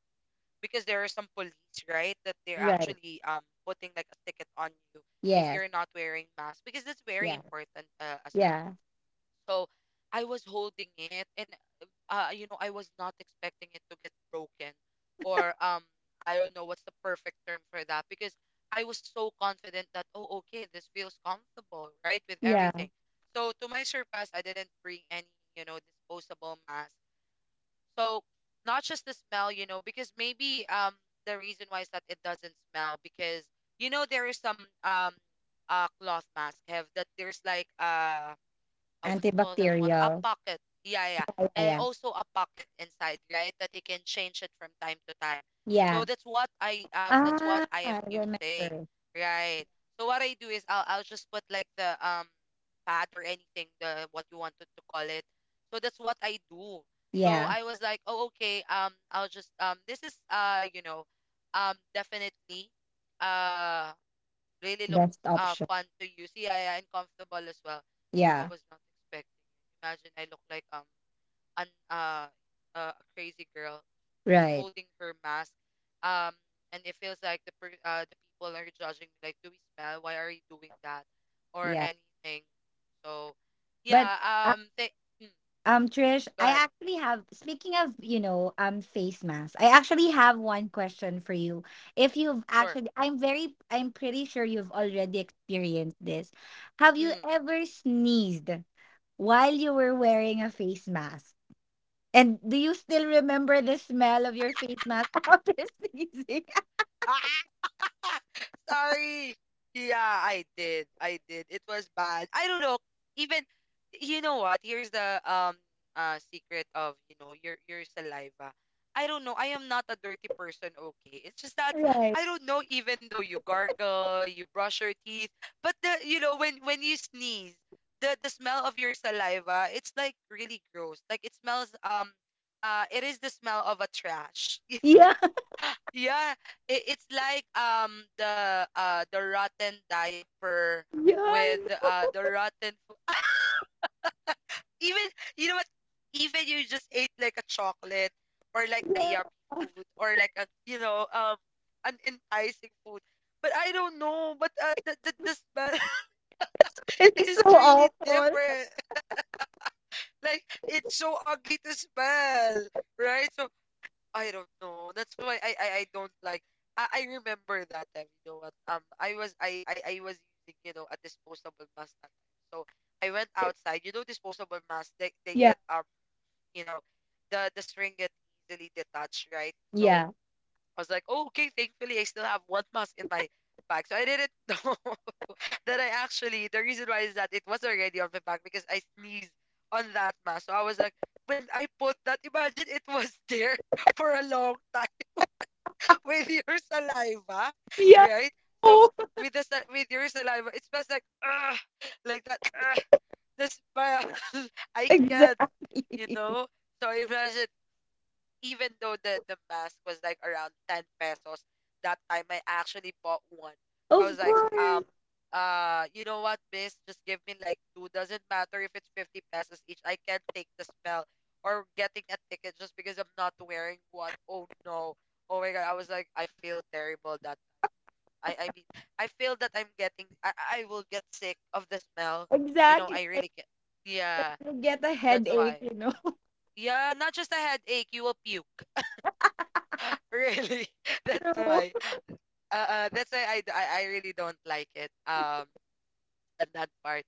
Speaker 1: because there are some police, right? That they're
Speaker 2: Right.
Speaker 1: actually putting like a ticket on you if
Speaker 2: Yes.
Speaker 1: you're not wearing mask, because that's very
Speaker 2: Yeah.
Speaker 1: important, as.
Speaker 2: Yeah.
Speaker 1: So I was holding it and, you know, I was not expecting it to get broken or I don't know what's the perfect term for that, because I was so confident that, oh okay, this feels comfortable, right? With
Speaker 2: Yeah.
Speaker 1: everything. So to my surprise, I didn't bring any, you know, disposable mask. So not just the smell, you know, because maybe the reason why is that it doesn't smell because, you know, there is some cloth mask have that there's like, what do you call that one? A
Speaker 2: Antibacterial.
Speaker 1: pocket. Yeah, yeah. Yeah.
Speaker 2: Yeah.
Speaker 1: And
Speaker 2: Yeah.
Speaker 1: also a pocket inside, right? That you can change it from time to time. So
Speaker 2: Yeah.
Speaker 1: that's what I, that's what
Speaker 2: Ah,
Speaker 1: I am
Speaker 2: I
Speaker 1: using,
Speaker 2: remember.
Speaker 1: right? So what I do is I'll just put like the pad or anything, the, what you wanted to call it. So that's what I do. So
Speaker 2: Yeah.
Speaker 1: I was like, oh okay, I'll just this is, you know, definitely uh really looks
Speaker 2: Best option.
Speaker 1: fun to use. Yeah, yeah, and comfortable as well. I
Speaker 2: Yeah.
Speaker 1: was not expecting it. Imagine I look like an a crazy girl just
Speaker 2: Right.
Speaker 1: holding her mask. Um and it feels like the people are judging me like, do we smell? Why are you doing that? Or
Speaker 2: Yeah.
Speaker 1: anything. So
Speaker 2: But
Speaker 1: yeah, mm,
Speaker 2: Trish,
Speaker 1: go
Speaker 2: I
Speaker 1: ahead.
Speaker 2: actually have, speaking of, you know, face masks, I actually have one question for you. If you've
Speaker 1: Sure.
Speaker 2: actually, I'm pretty sure you've already experienced this. Have you
Speaker 1: Mm.
Speaker 2: ever sneezed while you were wearing a face mask? And do you still remember the smell of your face mask after sneezing?
Speaker 1: Ah, sorry. Yeah, I did. I did. It was bad. I don't know. Even, you know what? Here's the, secret of, you know, your saliva. I don't know. I am not a dirty person, okay? It's just that
Speaker 2: Right.
Speaker 1: I don't know, even though you gargle, you brush your teeth, but the, you know, when you sneeze, the smell of your saliva, it's like really gross. Like it smells, it is the smell of a trash.
Speaker 2: Yeah.
Speaker 1: Yeah, it's like, the rotten diaper
Speaker 2: Yeah,
Speaker 1: with,
Speaker 2: I know.
Speaker 1: the rotten food. Even, you know what? Even you just ate like a chocolate or like a yuppie food or like a, you know, an enticing food. But I don't know. But, the the smell
Speaker 2: It's
Speaker 1: is
Speaker 2: so
Speaker 1: really
Speaker 2: awful.
Speaker 1: different. Like, it's so ugly to smell, right? So I don't know. That's why I don't like. I remember that time. You know what? I was using, you know, a disposable mask that time. So I went outside. You know, disposable mask. They
Speaker 2: Yeah.
Speaker 1: get you know, the string get easily detached, right? So
Speaker 2: Yeah.
Speaker 1: I was like, oh, okay, thankfully I still have one mask in my bag. So I didn't know that I actually, the reason why is that it was already on my bag because I sneezed on that mask. So I was like, when I put that, imagine it was there for a long time with your saliva,
Speaker 2: Yeah.
Speaker 1: right? So
Speaker 2: Oh,
Speaker 1: with your saliva, it smells like ugh, like that. Ugh, the smell, I can't,
Speaker 2: exactly.
Speaker 1: you know. So imagine even though the mask was like around 10 pesos that time, I actually bought one. So I was
Speaker 2: Of
Speaker 1: like,
Speaker 2: course.
Speaker 1: you know what, miss, just give me like two. Doesn't matter if it's 50 pesos each, I can't take the smell or getting a ticket just because I'm not wearing one. Oh no, oh my God, I was like, I feel terrible that I mean I feel that I'm getting, I will get sick of the smell, you know.
Speaker 2: Exactly.
Speaker 1: I really can. Yeah,
Speaker 2: You get a
Speaker 1: that's
Speaker 2: headache,
Speaker 1: why.
Speaker 2: you know.
Speaker 1: Yeah, not just a headache, you will puke. Really. That's
Speaker 2: True.
Speaker 1: why that's why I really don't like it on that part.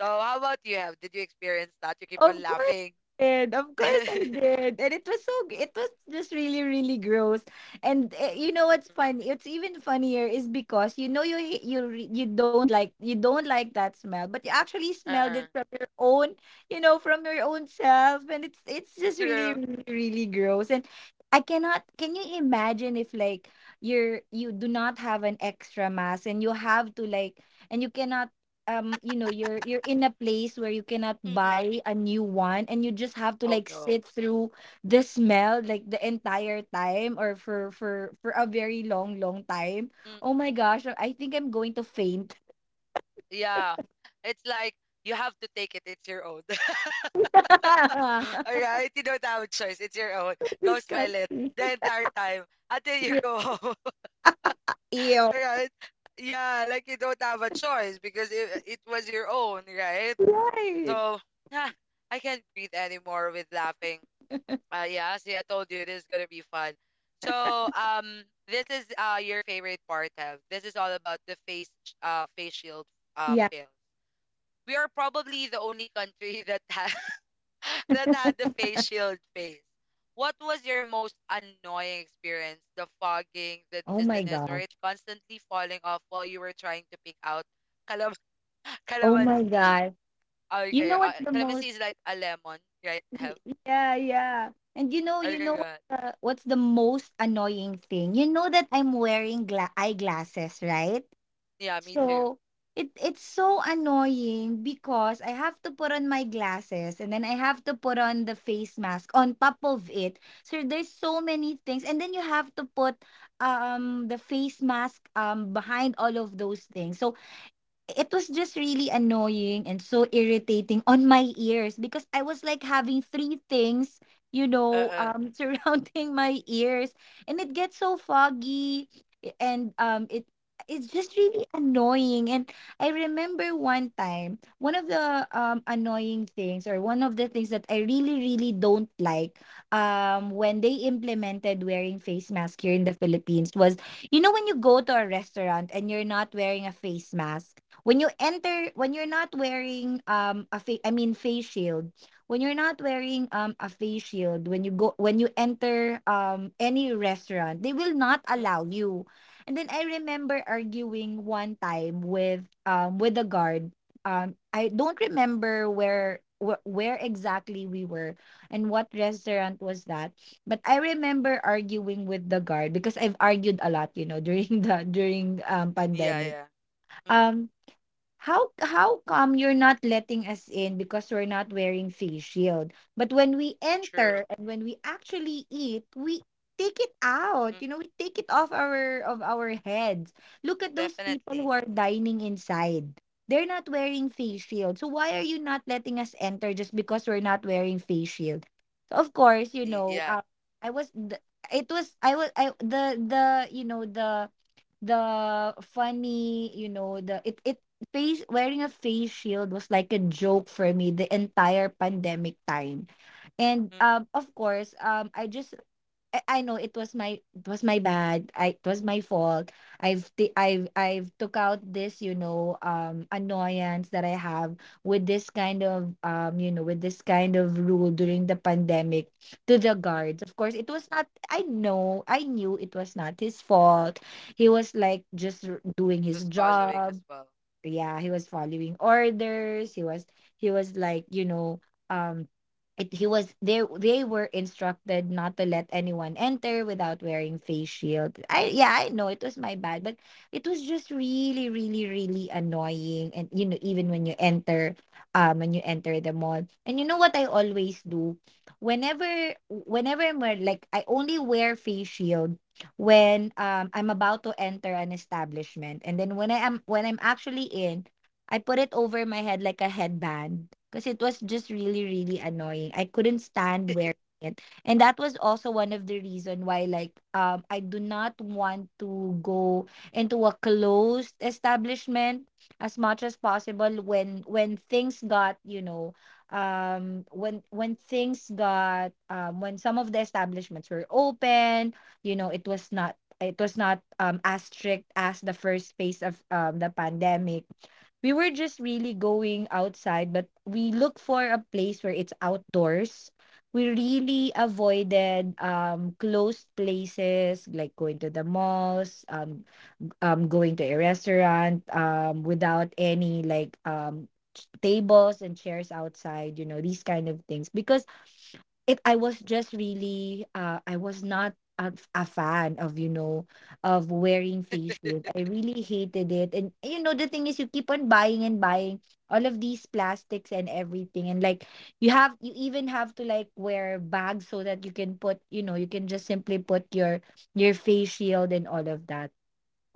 Speaker 1: So how about you? Have did you experience that? You keep on
Speaker 2: Of course
Speaker 1: laughing.
Speaker 2: I did. Of course I
Speaker 1: Mm-mm.
Speaker 2: did. And it was it was just really, really gross. And you know what's funny? It's even funnier is because you know you don't like that smell, but you actually smelled
Speaker 1: Uh-uh.
Speaker 2: it from your own, you know, from your own self. And it's just really,
Speaker 1: True.
Speaker 2: really, really gross. And I cannot, can you imagine if like you're, you do not have an extra mask and you have to like, and you cannot you know, you're in a place where you cannot
Speaker 1: Mm-mm.
Speaker 2: buy a new one and you just have to
Speaker 1: Oh
Speaker 2: like
Speaker 1: no.
Speaker 2: sit through the smell
Speaker 1: Mm-mm.
Speaker 2: like the entire time or for a very long, long time.
Speaker 1: Mm-mm.
Speaker 2: Oh my gosh, I think I'm going to faint.
Speaker 1: Yeah. It's like you have to take it, it's your own. All right, you don't have a choice, it's your own. Go smell it
Speaker 2: Disgusting.
Speaker 1: the entire time until you go home.
Speaker 2: Ew.
Speaker 1: All right. Yeah, like you don't have a choice because it was your own, right?
Speaker 2: Right.
Speaker 1: So I can't breathe anymore with laughing. Yeah, see, I told you this is gonna be fun. So this is your favorite part, Tev. This is all about the face shield
Speaker 2: Yeah.
Speaker 1: fail. We are probably the only country that had that had the face shield phase. What was your most annoying experience? The fogging, the
Speaker 2: Oh my
Speaker 1: dizziness, or it
Speaker 2: gosh.
Speaker 1: constantly falling off while you were trying to pick out calam-
Speaker 2: Oh my
Speaker 1: calamansi?
Speaker 2: God. You know
Speaker 1: Okay,
Speaker 2: what the most
Speaker 1: calamansi is like a lemon, right? Have
Speaker 2: Yeah, yeah. And you
Speaker 1: okay,
Speaker 2: know what
Speaker 1: good.
Speaker 2: the, what's the most annoying thing? You know that I'm wearing eyeglasses, right?
Speaker 1: Yeah, me too.
Speaker 2: So it's so annoying because I have to put on my glasses and then I have to put on the face mask on top of it. So there's so many things and then you have to put the face mask behind all of those things. So it was just really annoying and so irritating on my ears because I was like having three things, you
Speaker 1: Uh,
Speaker 2: know,
Speaker 1: uh,
Speaker 2: surrounding my ears, and it gets so foggy and it's just really annoying. And I remember one time, one of the annoying things, or one of the things that I really really don't like when they implemented wearing face mask here in the Philippines was, you know, when you go to a restaurant and you're not wearing a face mask, when you enter when you're not wearing a fa- I mean face shield, when you're not wearing a face shield when you go when you enter any restaurant, they will not
Speaker 1: mm, mm,
Speaker 2: allow you. And then I remember arguing one time with the guard. I don't remember where where exactly we were and what
Speaker 1: mm.
Speaker 2: restaurant was that, but I remember arguing with the guard because I've argued a lot, you know, during the during
Speaker 1: Yeah,
Speaker 2: pandemic.
Speaker 1: yeah. Mm, mm.
Speaker 2: Um. How come you're not letting us in because we're not wearing face shield? But when we
Speaker 1: True.
Speaker 2: enter and when we actually eat, we take it
Speaker 1: Mm,
Speaker 2: out.
Speaker 1: mm.
Speaker 2: You know, we take it off our of our heads. Look at those people who
Speaker 1: Definitely.
Speaker 2: are dining inside. They're not wearing face shield. So why are you not letting us enter just because we're not wearing face shield? So of course, you
Speaker 1: See,
Speaker 2: know,
Speaker 1: yeah,
Speaker 2: I was th- it was I the you know the funny you know the it, it face wearing a face shield was like a joke for me the entire pandemic time. And
Speaker 1: mm, mm,
Speaker 2: of course, I just I know it was my bad. I it was my fault. I've I've took out this, you know, annoyance that I have with this kind of you know, with this kind of rule during the pandemic to the
Speaker 1: mm, mm.
Speaker 2: guards. Of course, it was not, I know, I knew it was not his fault. He was like just doing his
Speaker 1: Just following
Speaker 2: job.
Speaker 1: as well.
Speaker 2: Yeah, he was following orders. He was you know, um he was they were instructed not to let anyone enter without wearing face shield. I, yeah, I know it was my bad, but it was just really really really annoying. And you know, even when you enter the mall, and you know what I always do, whenever I'm like, I only wear face shield when I'm about to enter an establishment, and then when I am when I'm actually in, I put it over my head like a headband because it was just really really annoying. I couldn't stand wearing it. And that was also one of the reason why I do not want to go into a closed establishment as much as possible when things got, you know, when things got when some of the establishments were open. You know, it was not, it was not as strict as the first phase of the pandemic. We were just really going outside, but we look for a place where it's outdoors. We
Speaker 1: Mm, mm.
Speaker 2: really avoided closed places, like going to the malls, going to a restaurant without any like tables and chairs outside, you know, these kind of things. Because it I was just really I was not a, a fan of, you know, of wearing face shield. I really hated it. And you know, the thing is, you keep on buying and buying all of these plastics and everything, and like, you have, you even have to like wear bags so that you can put, you know, you can just simply put your face shield and all of that.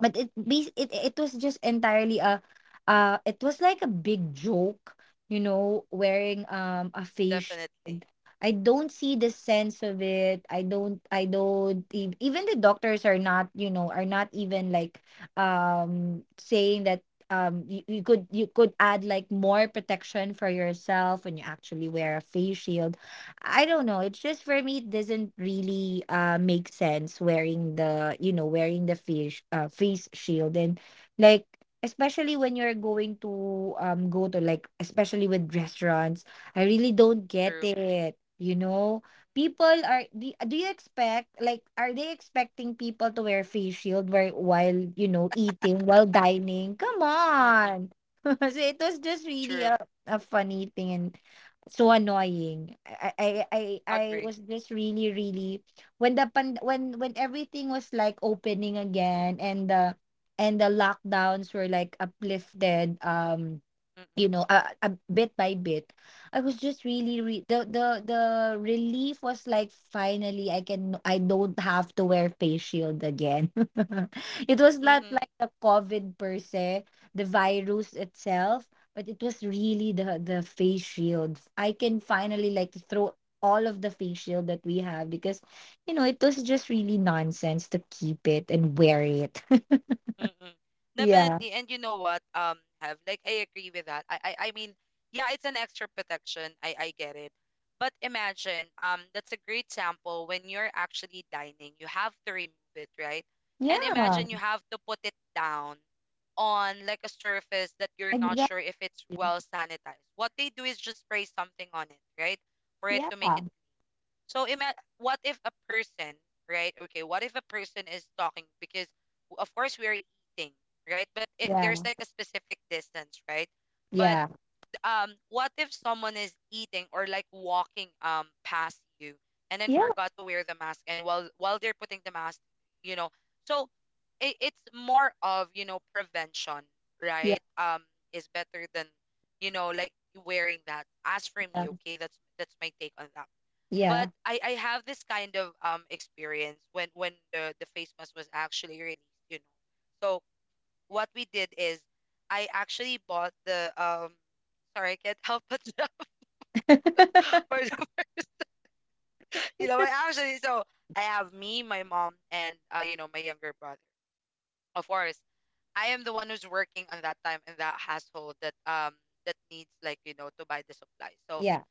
Speaker 2: But it bas it it was just entirely a it was like a big joke, you know, wearing a face.
Speaker 1: Definitely.
Speaker 2: I don't see the sense of it. I don't ev- Even the doctors are not, you know, are not even like saying that you, you could, you could add like more protection for yourself when you actually wear a face shield. I don't know. It's just, for me, it doesn't really make sense wearing the, you know, wearing the face shield and like, especially when you're going to go to like, especially with restaurants, I really don't get
Speaker 1: True.
Speaker 2: it. You know, people are, do you expect, like, are they expecting people to wear face shield where, while, you know, eating while dining? Come
Speaker 1: Mm, mm.
Speaker 2: on. So it was just really
Speaker 1: True.
Speaker 2: a funny thing and so annoying. I
Speaker 1: Agree.
Speaker 2: was just really, really when when everything was like opening again, and the lockdowns were like uplifted.
Speaker 1: Mm,
Speaker 2: You know, bit by bit, I was just really re- the relief was like, finally I can, I don't have to wear face shield again. It was
Speaker 1: mm, mm,
Speaker 2: not like
Speaker 1: mm.
Speaker 2: the COVID per se, the virus itself, but it was really the face shield. I can finally like throw all of the face shield that we have, because you know, it was just really nonsense to keep it and wear it.
Speaker 1: Mm-mm.
Speaker 2: Yeah.
Speaker 1: Definitely. And you know what, have like I agree with that. I mean, yeah, it's an extra protection. I get it. But imagine, that's a great sample: when you're actually dining, you have to remove it, right? And
Speaker 2: Yeah.
Speaker 1: imagine you have to put it down on like a surface that you're not
Speaker 2: Exactly.
Speaker 1: sure if it's well sanitized. What they do is just spray something on it, right? For it
Speaker 2: Yeah.
Speaker 1: to make it. So ima- what if a person, right? Okay, what if a person is talking because w- of course we are eating, right? But it,
Speaker 2: Yeah.
Speaker 1: there's like a specific distance, right? But
Speaker 2: Yeah.
Speaker 1: what if someone is eating or like walking past you and then
Speaker 2: Yeah.
Speaker 1: forgot to wear the mask, and while they're putting the mask, you know. So it's more of, you know, prevention,
Speaker 2: Yeah.
Speaker 1: right? Um, is better than, you know, like wearing that. As for me, okay? That's my take on that.
Speaker 2: Yeah. Yeah.
Speaker 1: But I have this kind of experience when the face mask was actually released, you know. So what we did is I actually bought the sorry, I can't help but for the, you know, I actually so I have me, my mom and you know, my younger brother. Of course, I am the one who's working on that time in that household that that needs like, you know, to buy the supplies. So
Speaker 2: Yeah.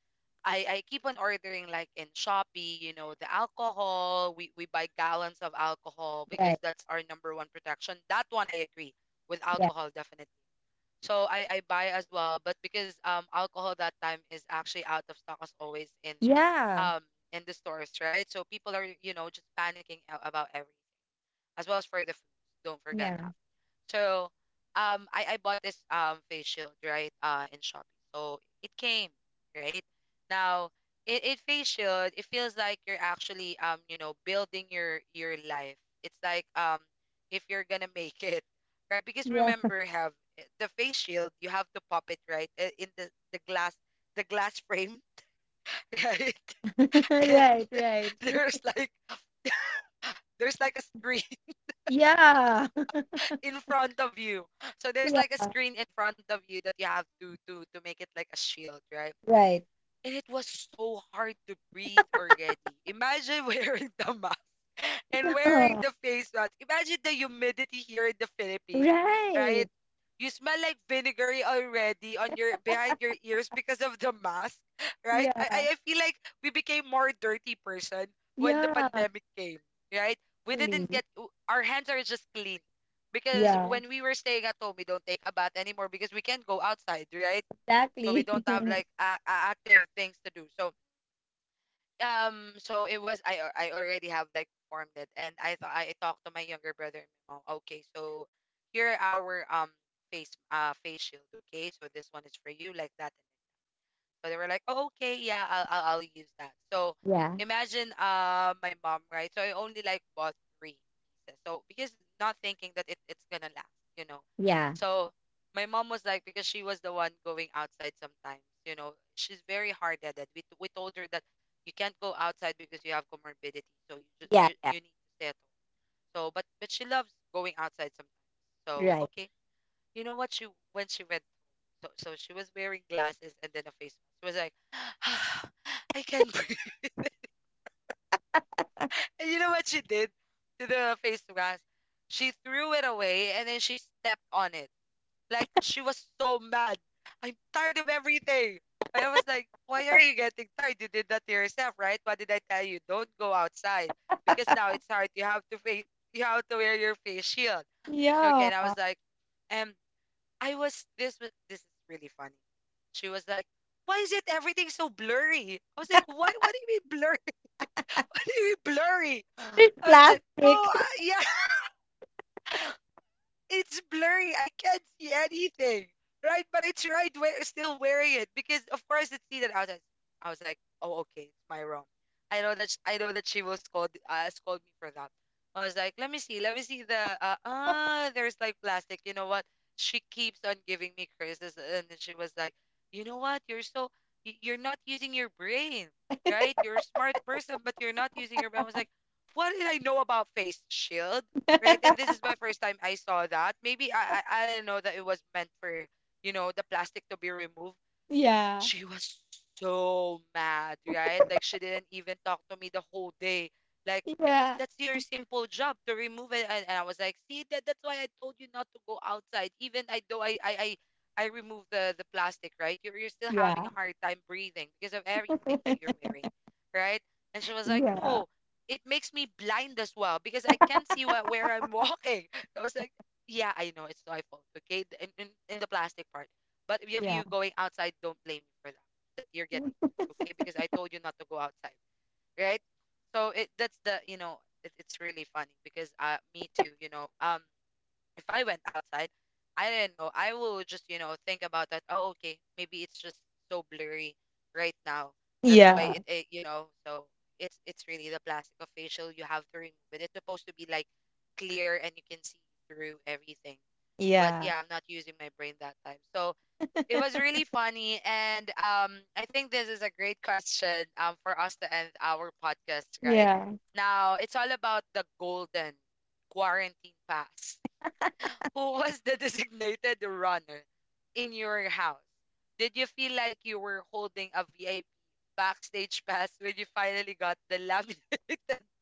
Speaker 1: I keep on ordering like in Shopee, you know, the alcohol. We buy gallons of alcohol because
Speaker 2: Right.
Speaker 1: that's our number one protection. That one I agree with,
Speaker 2: Yeah.
Speaker 1: alcohol definitely. So I buy as well, but because alcohol that time is actually out of stock as always
Speaker 2: Yeah.
Speaker 1: um in the stores, right? So people are, you know, just panicking a- about everything as well as for the foods. Don't forget
Speaker 2: Yeah.
Speaker 1: that. So I bought this face shield, right? Uh, in Shopee. So it came, right? Now it face shield, it feels like you're actually you know, building your life. It's like if you're gonna make it, right? Because
Speaker 2: Yeah.
Speaker 1: remember have eh, the face shield, you have to pop it, right? Eh, in the glass, the glass frame, right? And
Speaker 2: Right. Right.
Speaker 1: there's like there's like a screen
Speaker 2: Yeah.
Speaker 1: in front of you. So there's
Speaker 2: Yeah.
Speaker 1: like a screen in front of you that you have to make it like a shield, right?
Speaker 2: Right.
Speaker 1: And it was so hard to breathe already. Imagine wearing the mask and wearing
Speaker 2: Oh,
Speaker 1: the face mask. Imagine the humidity here in the Philippines, right?
Speaker 2: right.
Speaker 1: You smell like vinegary already on your behind your ears because of the mask, right?
Speaker 2: Yeah.
Speaker 1: I feel like we became more dirty person when the
Speaker 2: Yeah.
Speaker 1: pandemic came, right? We didn't
Speaker 2: Really.
Speaker 1: get w- our hands are just clean because
Speaker 2: Yeah.
Speaker 1: when we were staying at home, we don't take a bath anymore because we can't go outside, right? So we
Speaker 2: Exactly.
Speaker 1: don't have like a active things to do. So so it was I already have like formed it, and I thought I talked to my younger brother and my mom. Okay, so here are our face face shield. Okay, so this one is for you, like that. So they were like, "Oh, okay, yeah, I'll use that." So
Speaker 2: Yeah.
Speaker 1: imagine my mom, right? So I only like bought three pieces. So because not thinking that it's gonna last, you know.
Speaker 2: Yeah. Yeah.
Speaker 1: So my mom was like, because she was the one going outside sometimes, you know, she's very hard-headed. We told her that you can't go outside because you have comorbidity, so you just
Speaker 2: Yeah.
Speaker 1: you need to stay at home. So, but she loves going outside sometimes. So
Speaker 2: Right.
Speaker 1: okay, you know what she when she went so, so she was wearing glasses and then a face mask. She was like, "Ah, I can't breathe." And you know what she did to the face mask? She threw it away and then she stepped on it. Like she was so mad. I'm tired of everything. And I was like, why are you getting tired? You did that to yourself, right? What did I tell you? Don't go outside because now it's hard. You have to face, you have to wear your face shield. Okay, and I
Speaker 2: Yeah.
Speaker 1: was like, um, I was this is really funny. She was like, "Why is it everything so blurry?" I was like, "Why? What do you mean blurry? What do you mean blurry?" I
Speaker 2: It's
Speaker 1: was like, "No,
Speaker 2: plastic.
Speaker 1: yeah." It's blurry. I can't see anything. Right? But I tried wear, still wearing it because, of course, it's seated outside. I was like, oh, okay, it's my wrong. I know that I know that she will scold scold me for that. I was like, let me see the ah, there's like plastic. You know what? She keeps on giving me curses, and then she was like, you know what? You're so you're not using your brain, right? You're a smart person, but you're not using your brain. I was like, what did I know about face shield? Right? And this is my first time I saw that. Maybe I didn't know that it was meant for, you know, the plastic to be removed.
Speaker 2: Yeah.
Speaker 1: She was so mad, right? Like she didn't even talk to me the whole day. Like
Speaker 2: Yeah.
Speaker 1: that's your simple job to remove it. And I was like, see that, that's why I told you not to go outside. Even I though I removed the plastic, right? You're still having
Speaker 2: Yeah.
Speaker 1: a hard time breathing because of everything that you're wearing, right? And she was like,
Speaker 2: Yeah.
Speaker 1: no, it makes me blind as well because I can't see what, where I'm walking. I was like, yeah, I know it's my fault, okay? The- in, in the plastic part. But if
Speaker 2: Yeah.
Speaker 1: you going outside, don't blame me for that. That you're getting tired, okay? Because I told you not to go outside, right? So it that's the you know it's really funny because me too, you know, if I went outside, I didn't know I will just, you know, think about that. Oh okay, maybe it's just so blurry right now. That's why
Speaker 2: Yeah.
Speaker 1: it. It's really the plastic of facial you have to remove it. It's supposed to be like clear and you can see through everything. But
Speaker 2: Yeah.
Speaker 1: yeah, I'm not using my brain that time. So it was really funny, and I think this is a great question for us to end our podcast right
Speaker 2: Yeah.
Speaker 1: now. It's all about the golden quarantine pass. Who was the designated runner in your house? Did you feel like you were holding a VIP backstage pass when you finally got the laminated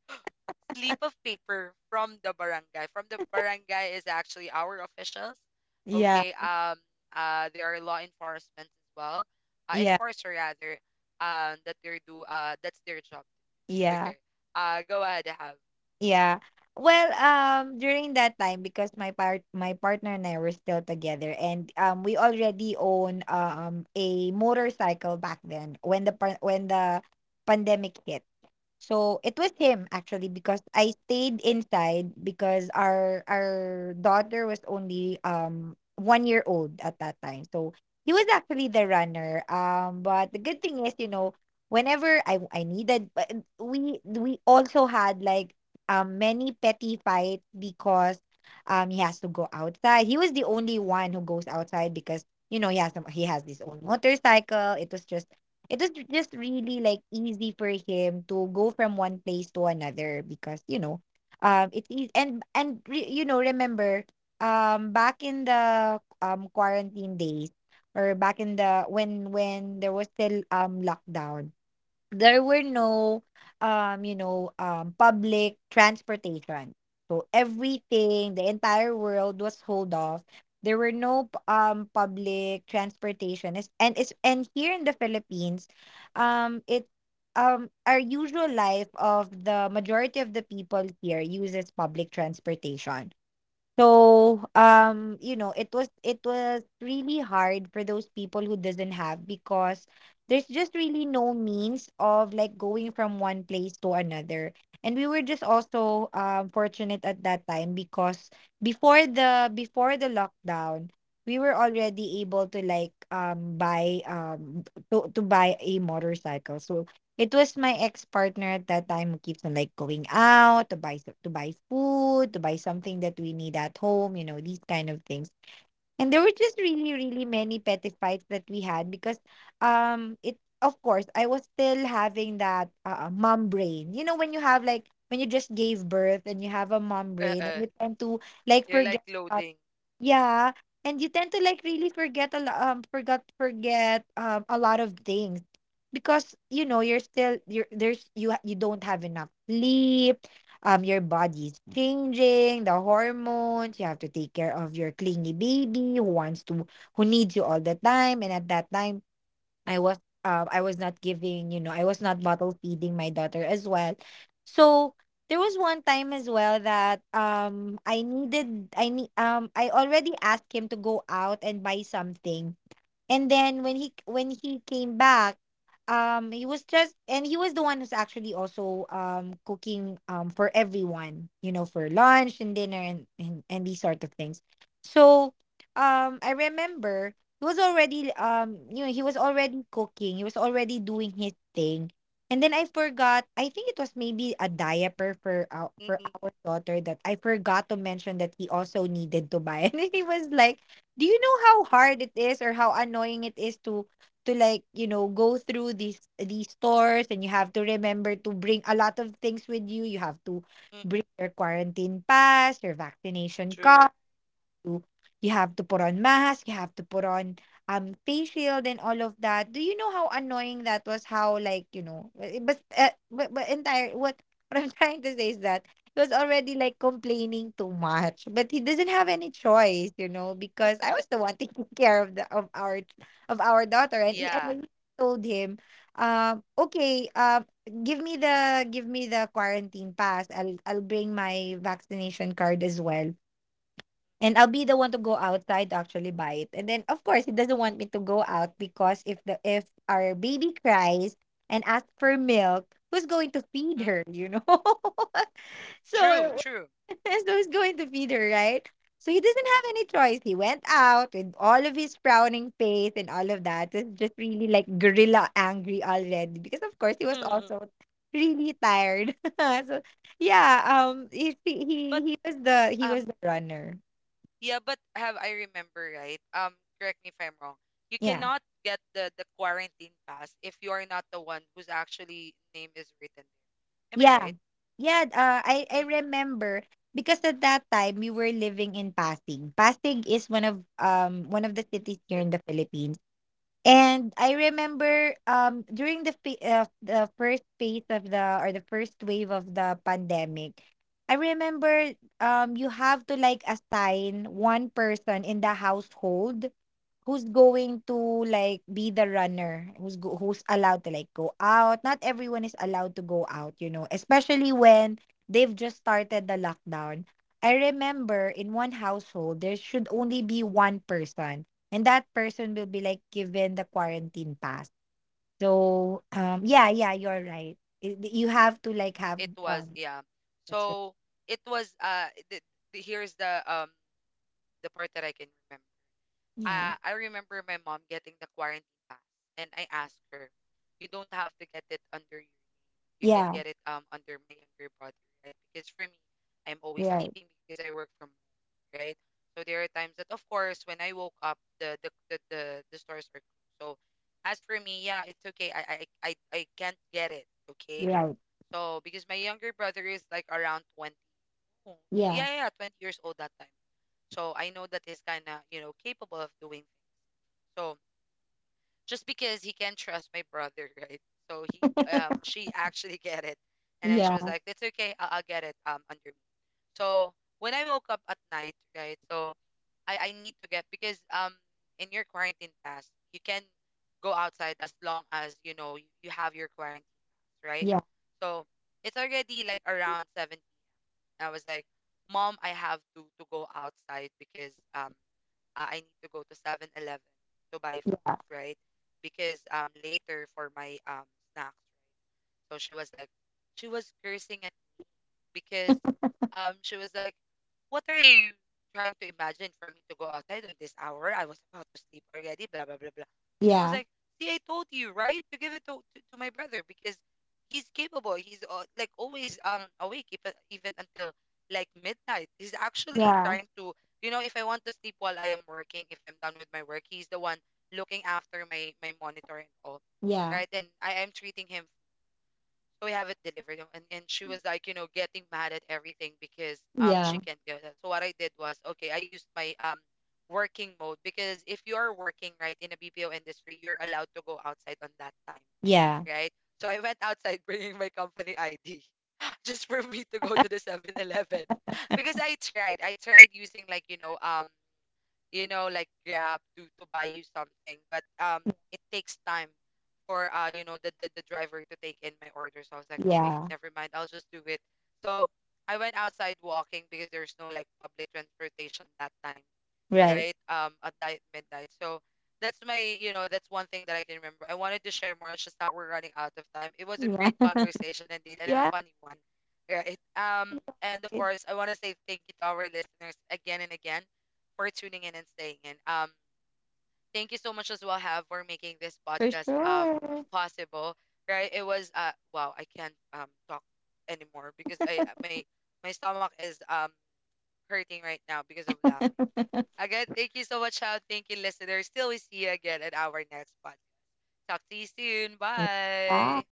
Speaker 1: slip of paper from the barangay. From the barangay is actually our officials.
Speaker 2: Yeah.
Speaker 1: Okay. They are law enforcement as well. Uh,
Speaker 2: Yeah,
Speaker 1: enforcer rather. That they do. That's their job.
Speaker 2: yeah,
Speaker 1: Okay. Go ahead. Have.
Speaker 2: yeah. Well, during that time, because my partner and I were still together, and we already own a motorcycle back then when when the pandemic hit. So it was him actually, because I stayed inside because our daughter was only 1 year old at that time. So he was actually the runner. But the good thing is, you know, whenever I needed, but we also had like many petty fights because he has to go outside. He was the only one who goes outside, because you know, he has some, he has his own motorcycle. It was just really like easy for him to go from one place to another, because you know, it's easy, and re, you know, remember, back in the quarantine days, or back in the when there was still lockdown, there were no you know public transportation. So everything, the entire world was hold off. There were no public transportation. It's, and it's, and here in the Philippines, it our usual life of the majority of the people here uses public transportation. So, you know, it was really hard for those people who doesn't have, because there's just really no means of like going from one place to another. And we were just also fortunate at that time because before the lockdown, we were already able to like buy b- to buy a motorcycle. So it was my ex-partner at that time who keeps on, like, going out to buy, so to buy food, to buy something that we need at home, you know, these kind of things. And there were just really, really many petty fights that we had, because, it of course, I was still having that, mom brain. You know, when you have, like, when you just gave birth and you have a mom
Speaker 1: Uh.
Speaker 2: brain
Speaker 1: uh
Speaker 2: and you tend to, like,
Speaker 1: You're like
Speaker 2: forget,
Speaker 1: loading.
Speaker 2: yeah, and you tend to like really forget a lo- forgot forget a lot of things, because you know, you're still you're, you don't have enough sleep. Your body's changing, the hormones. You have to take care of your clingy baby who wants to, who needs you all the time, and at that time I was I was not giving, you know, I was not bottle feeding my daughter as well. So there was one time as well that I needed I need I already asked him to go out and buy something, and then when he came back, he was just, and he was the one who's actually also cooking for everyone, you know, for lunch and dinner and and these sort of things. So I remember he was already you know, he was already cooking, he was already doing his thing. And then I forgot, I think it was maybe a diaper for
Speaker 1: Mm-mm,
Speaker 2: our daughter, that I forgot to mention that he also needed to buy. And he was like, do you know how hard it is, or how annoying it is to like, you know, go through these stores, and you have to remember to bring a lot of things with you. You have to
Speaker 1: mm-mm,
Speaker 2: bring your quarantine pass, your vaccination
Speaker 1: true.
Speaker 2: card, to, you have to put on mask, you have to put on face shield and all of that. Do you know how annoying that was? How like, you know, w- but entire what I'm trying to say is that he was already like complaining too much, but he doesn't have any choice, you know, because I was the one taking care of the of our daughter, and, he,
Speaker 1: Yeah.
Speaker 2: and I told him, okay, give me the, give me the quarantine pass. I'll bring my vaccination card as well. And I'll be the one to go outside to actually buy it. And then of course he doesn't want me to go out, because if the, if our baby cries and asks for milk, who's going to feed
Speaker 1: Mm-mm,
Speaker 2: her, you know? So
Speaker 1: true. True.
Speaker 2: so who's going to feed her, right? So he doesn't have any choice. He went out with all of his frowning face and all of that. It's just really like gorilla angry already, because of course he was also really tired. So yeah, if he,
Speaker 1: but
Speaker 2: he was the, he was
Speaker 1: um,
Speaker 2: the runner.
Speaker 1: Yeah, but have I remember right? Correct me if I'm wrong. You
Speaker 2: Yeah.
Speaker 1: cannot get the quarantine pass if you are not the one whose actually name is written there. Am I
Speaker 2: Yeah.
Speaker 1: right?
Speaker 2: Yeah, I
Speaker 1: Mm-mm.
Speaker 2: remember because at that time we were living in Pasig. Pasig is one of the cities here
Speaker 1: That
Speaker 2: in the Philippines. And I remember during the first phase of the, or the first wave of the pandemic, I remember you have to like assign one person in the household, who's going to, like, be the runner? Who's go, who's allowed to, like, go out? Not everyone is allowed to go out, you know, especially when they've just started the lockdown. I remember in one household, there should only be one person, and that person will be, like, given the quarantine pass. So, yeah, yeah, you're right. I-, you have to, like, have,
Speaker 1: it was
Speaker 2: um,
Speaker 1: yeah.
Speaker 2: that's right.
Speaker 1: So it was here's the part that I can remember.
Speaker 2: Yeah.
Speaker 1: I remember my mom getting the quarantine pass and I asked her, you don't have to get it under your you
Speaker 2: Yeah.
Speaker 1: can get it under my younger brother, right? Because for me, I'm always
Speaker 2: Right.
Speaker 1: sleeping because I work from home, right? So there are times that, of course, when I woke up, the stores are closed. So as for me, yeah, it's okay. I can't get it, okay?
Speaker 2: Right.
Speaker 1: So because my younger brother is like around 20, oh,
Speaker 2: Yeah.
Speaker 1: yeah, yeah, yeah, 20 years old that time. So I know that he's kind of capable of doing things. So just because he can trust my brother, right? So he she actually get it, and then she was like,
Speaker 2: Yeah.
Speaker 1: "It's okay, I'll get it under me." So when I woke up at night, right? So I need to get because in your quarantine pass you can go outside as long as you have your quarantine pass, right?
Speaker 2: Yeah.
Speaker 1: So it's already like around 7 p.m. I was like, "Mom, I have to go outside because I need to go to 7-Eleven to buy
Speaker 2: Yeah.
Speaker 1: foods, right? Because later for my snacks, right? So she was like, she was cursing at because she was like, what are you trying to imagine for me to go outside on this hour? I was about to sleep already, blah blah blah blah. I was
Speaker 2: Yeah.
Speaker 1: like, see, I told you, right, to give it to my brother because he's capable. He's like always awake even until like midnight. He's actually
Speaker 2: Yeah.
Speaker 1: trying to, if I want to sleep while I am working, if I'm done with my work, he's the one looking after my monitor and all,
Speaker 2: Yeah.
Speaker 1: right? And I am treating him so we have it delivered. And she was like, getting mad at everything because she
Speaker 2: Yeah,
Speaker 1: can't get that. So what I did was, okay, I used my working mode because if you are working right in a BPO industry, you're allowed to go outside on that time,
Speaker 2: yeah,
Speaker 1: right? So I went outside bringing my company ID just for me to go to the 7-Eleven because I tried. I tried using like, like Grab to buy you something. But it takes time for the driver to take in my order. So I was like, okay,
Speaker 2: yeah,
Speaker 1: never mind, I'll just do it. So I went outside walking because there's no like public transportation that time,
Speaker 2: right.
Speaker 1: right? At midnight. So that's my, you know, that's one thing that I can remember. I wanted to share more. It's just that we're running out of time. It was a
Speaker 2: Yeah,
Speaker 1: great conversation indeed, and
Speaker 2: yeah,
Speaker 1: a funny one, right? And
Speaker 2: it-
Speaker 1: of course, I want to say thank you to our listeners again and again for tuning in and staying in. Thank you so much as well, Have, for making this
Speaker 2: for
Speaker 1: podcast
Speaker 2: sure.
Speaker 1: possible. Right? It was wow, I can't talk anymore because I my my stomach is hurting right now because of laughing. Again, thank you so much, How. Thank you, listeners. Till we see you again at our next podcast. Talk to you soon.
Speaker 2: Bye.
Speaker 1: Bye.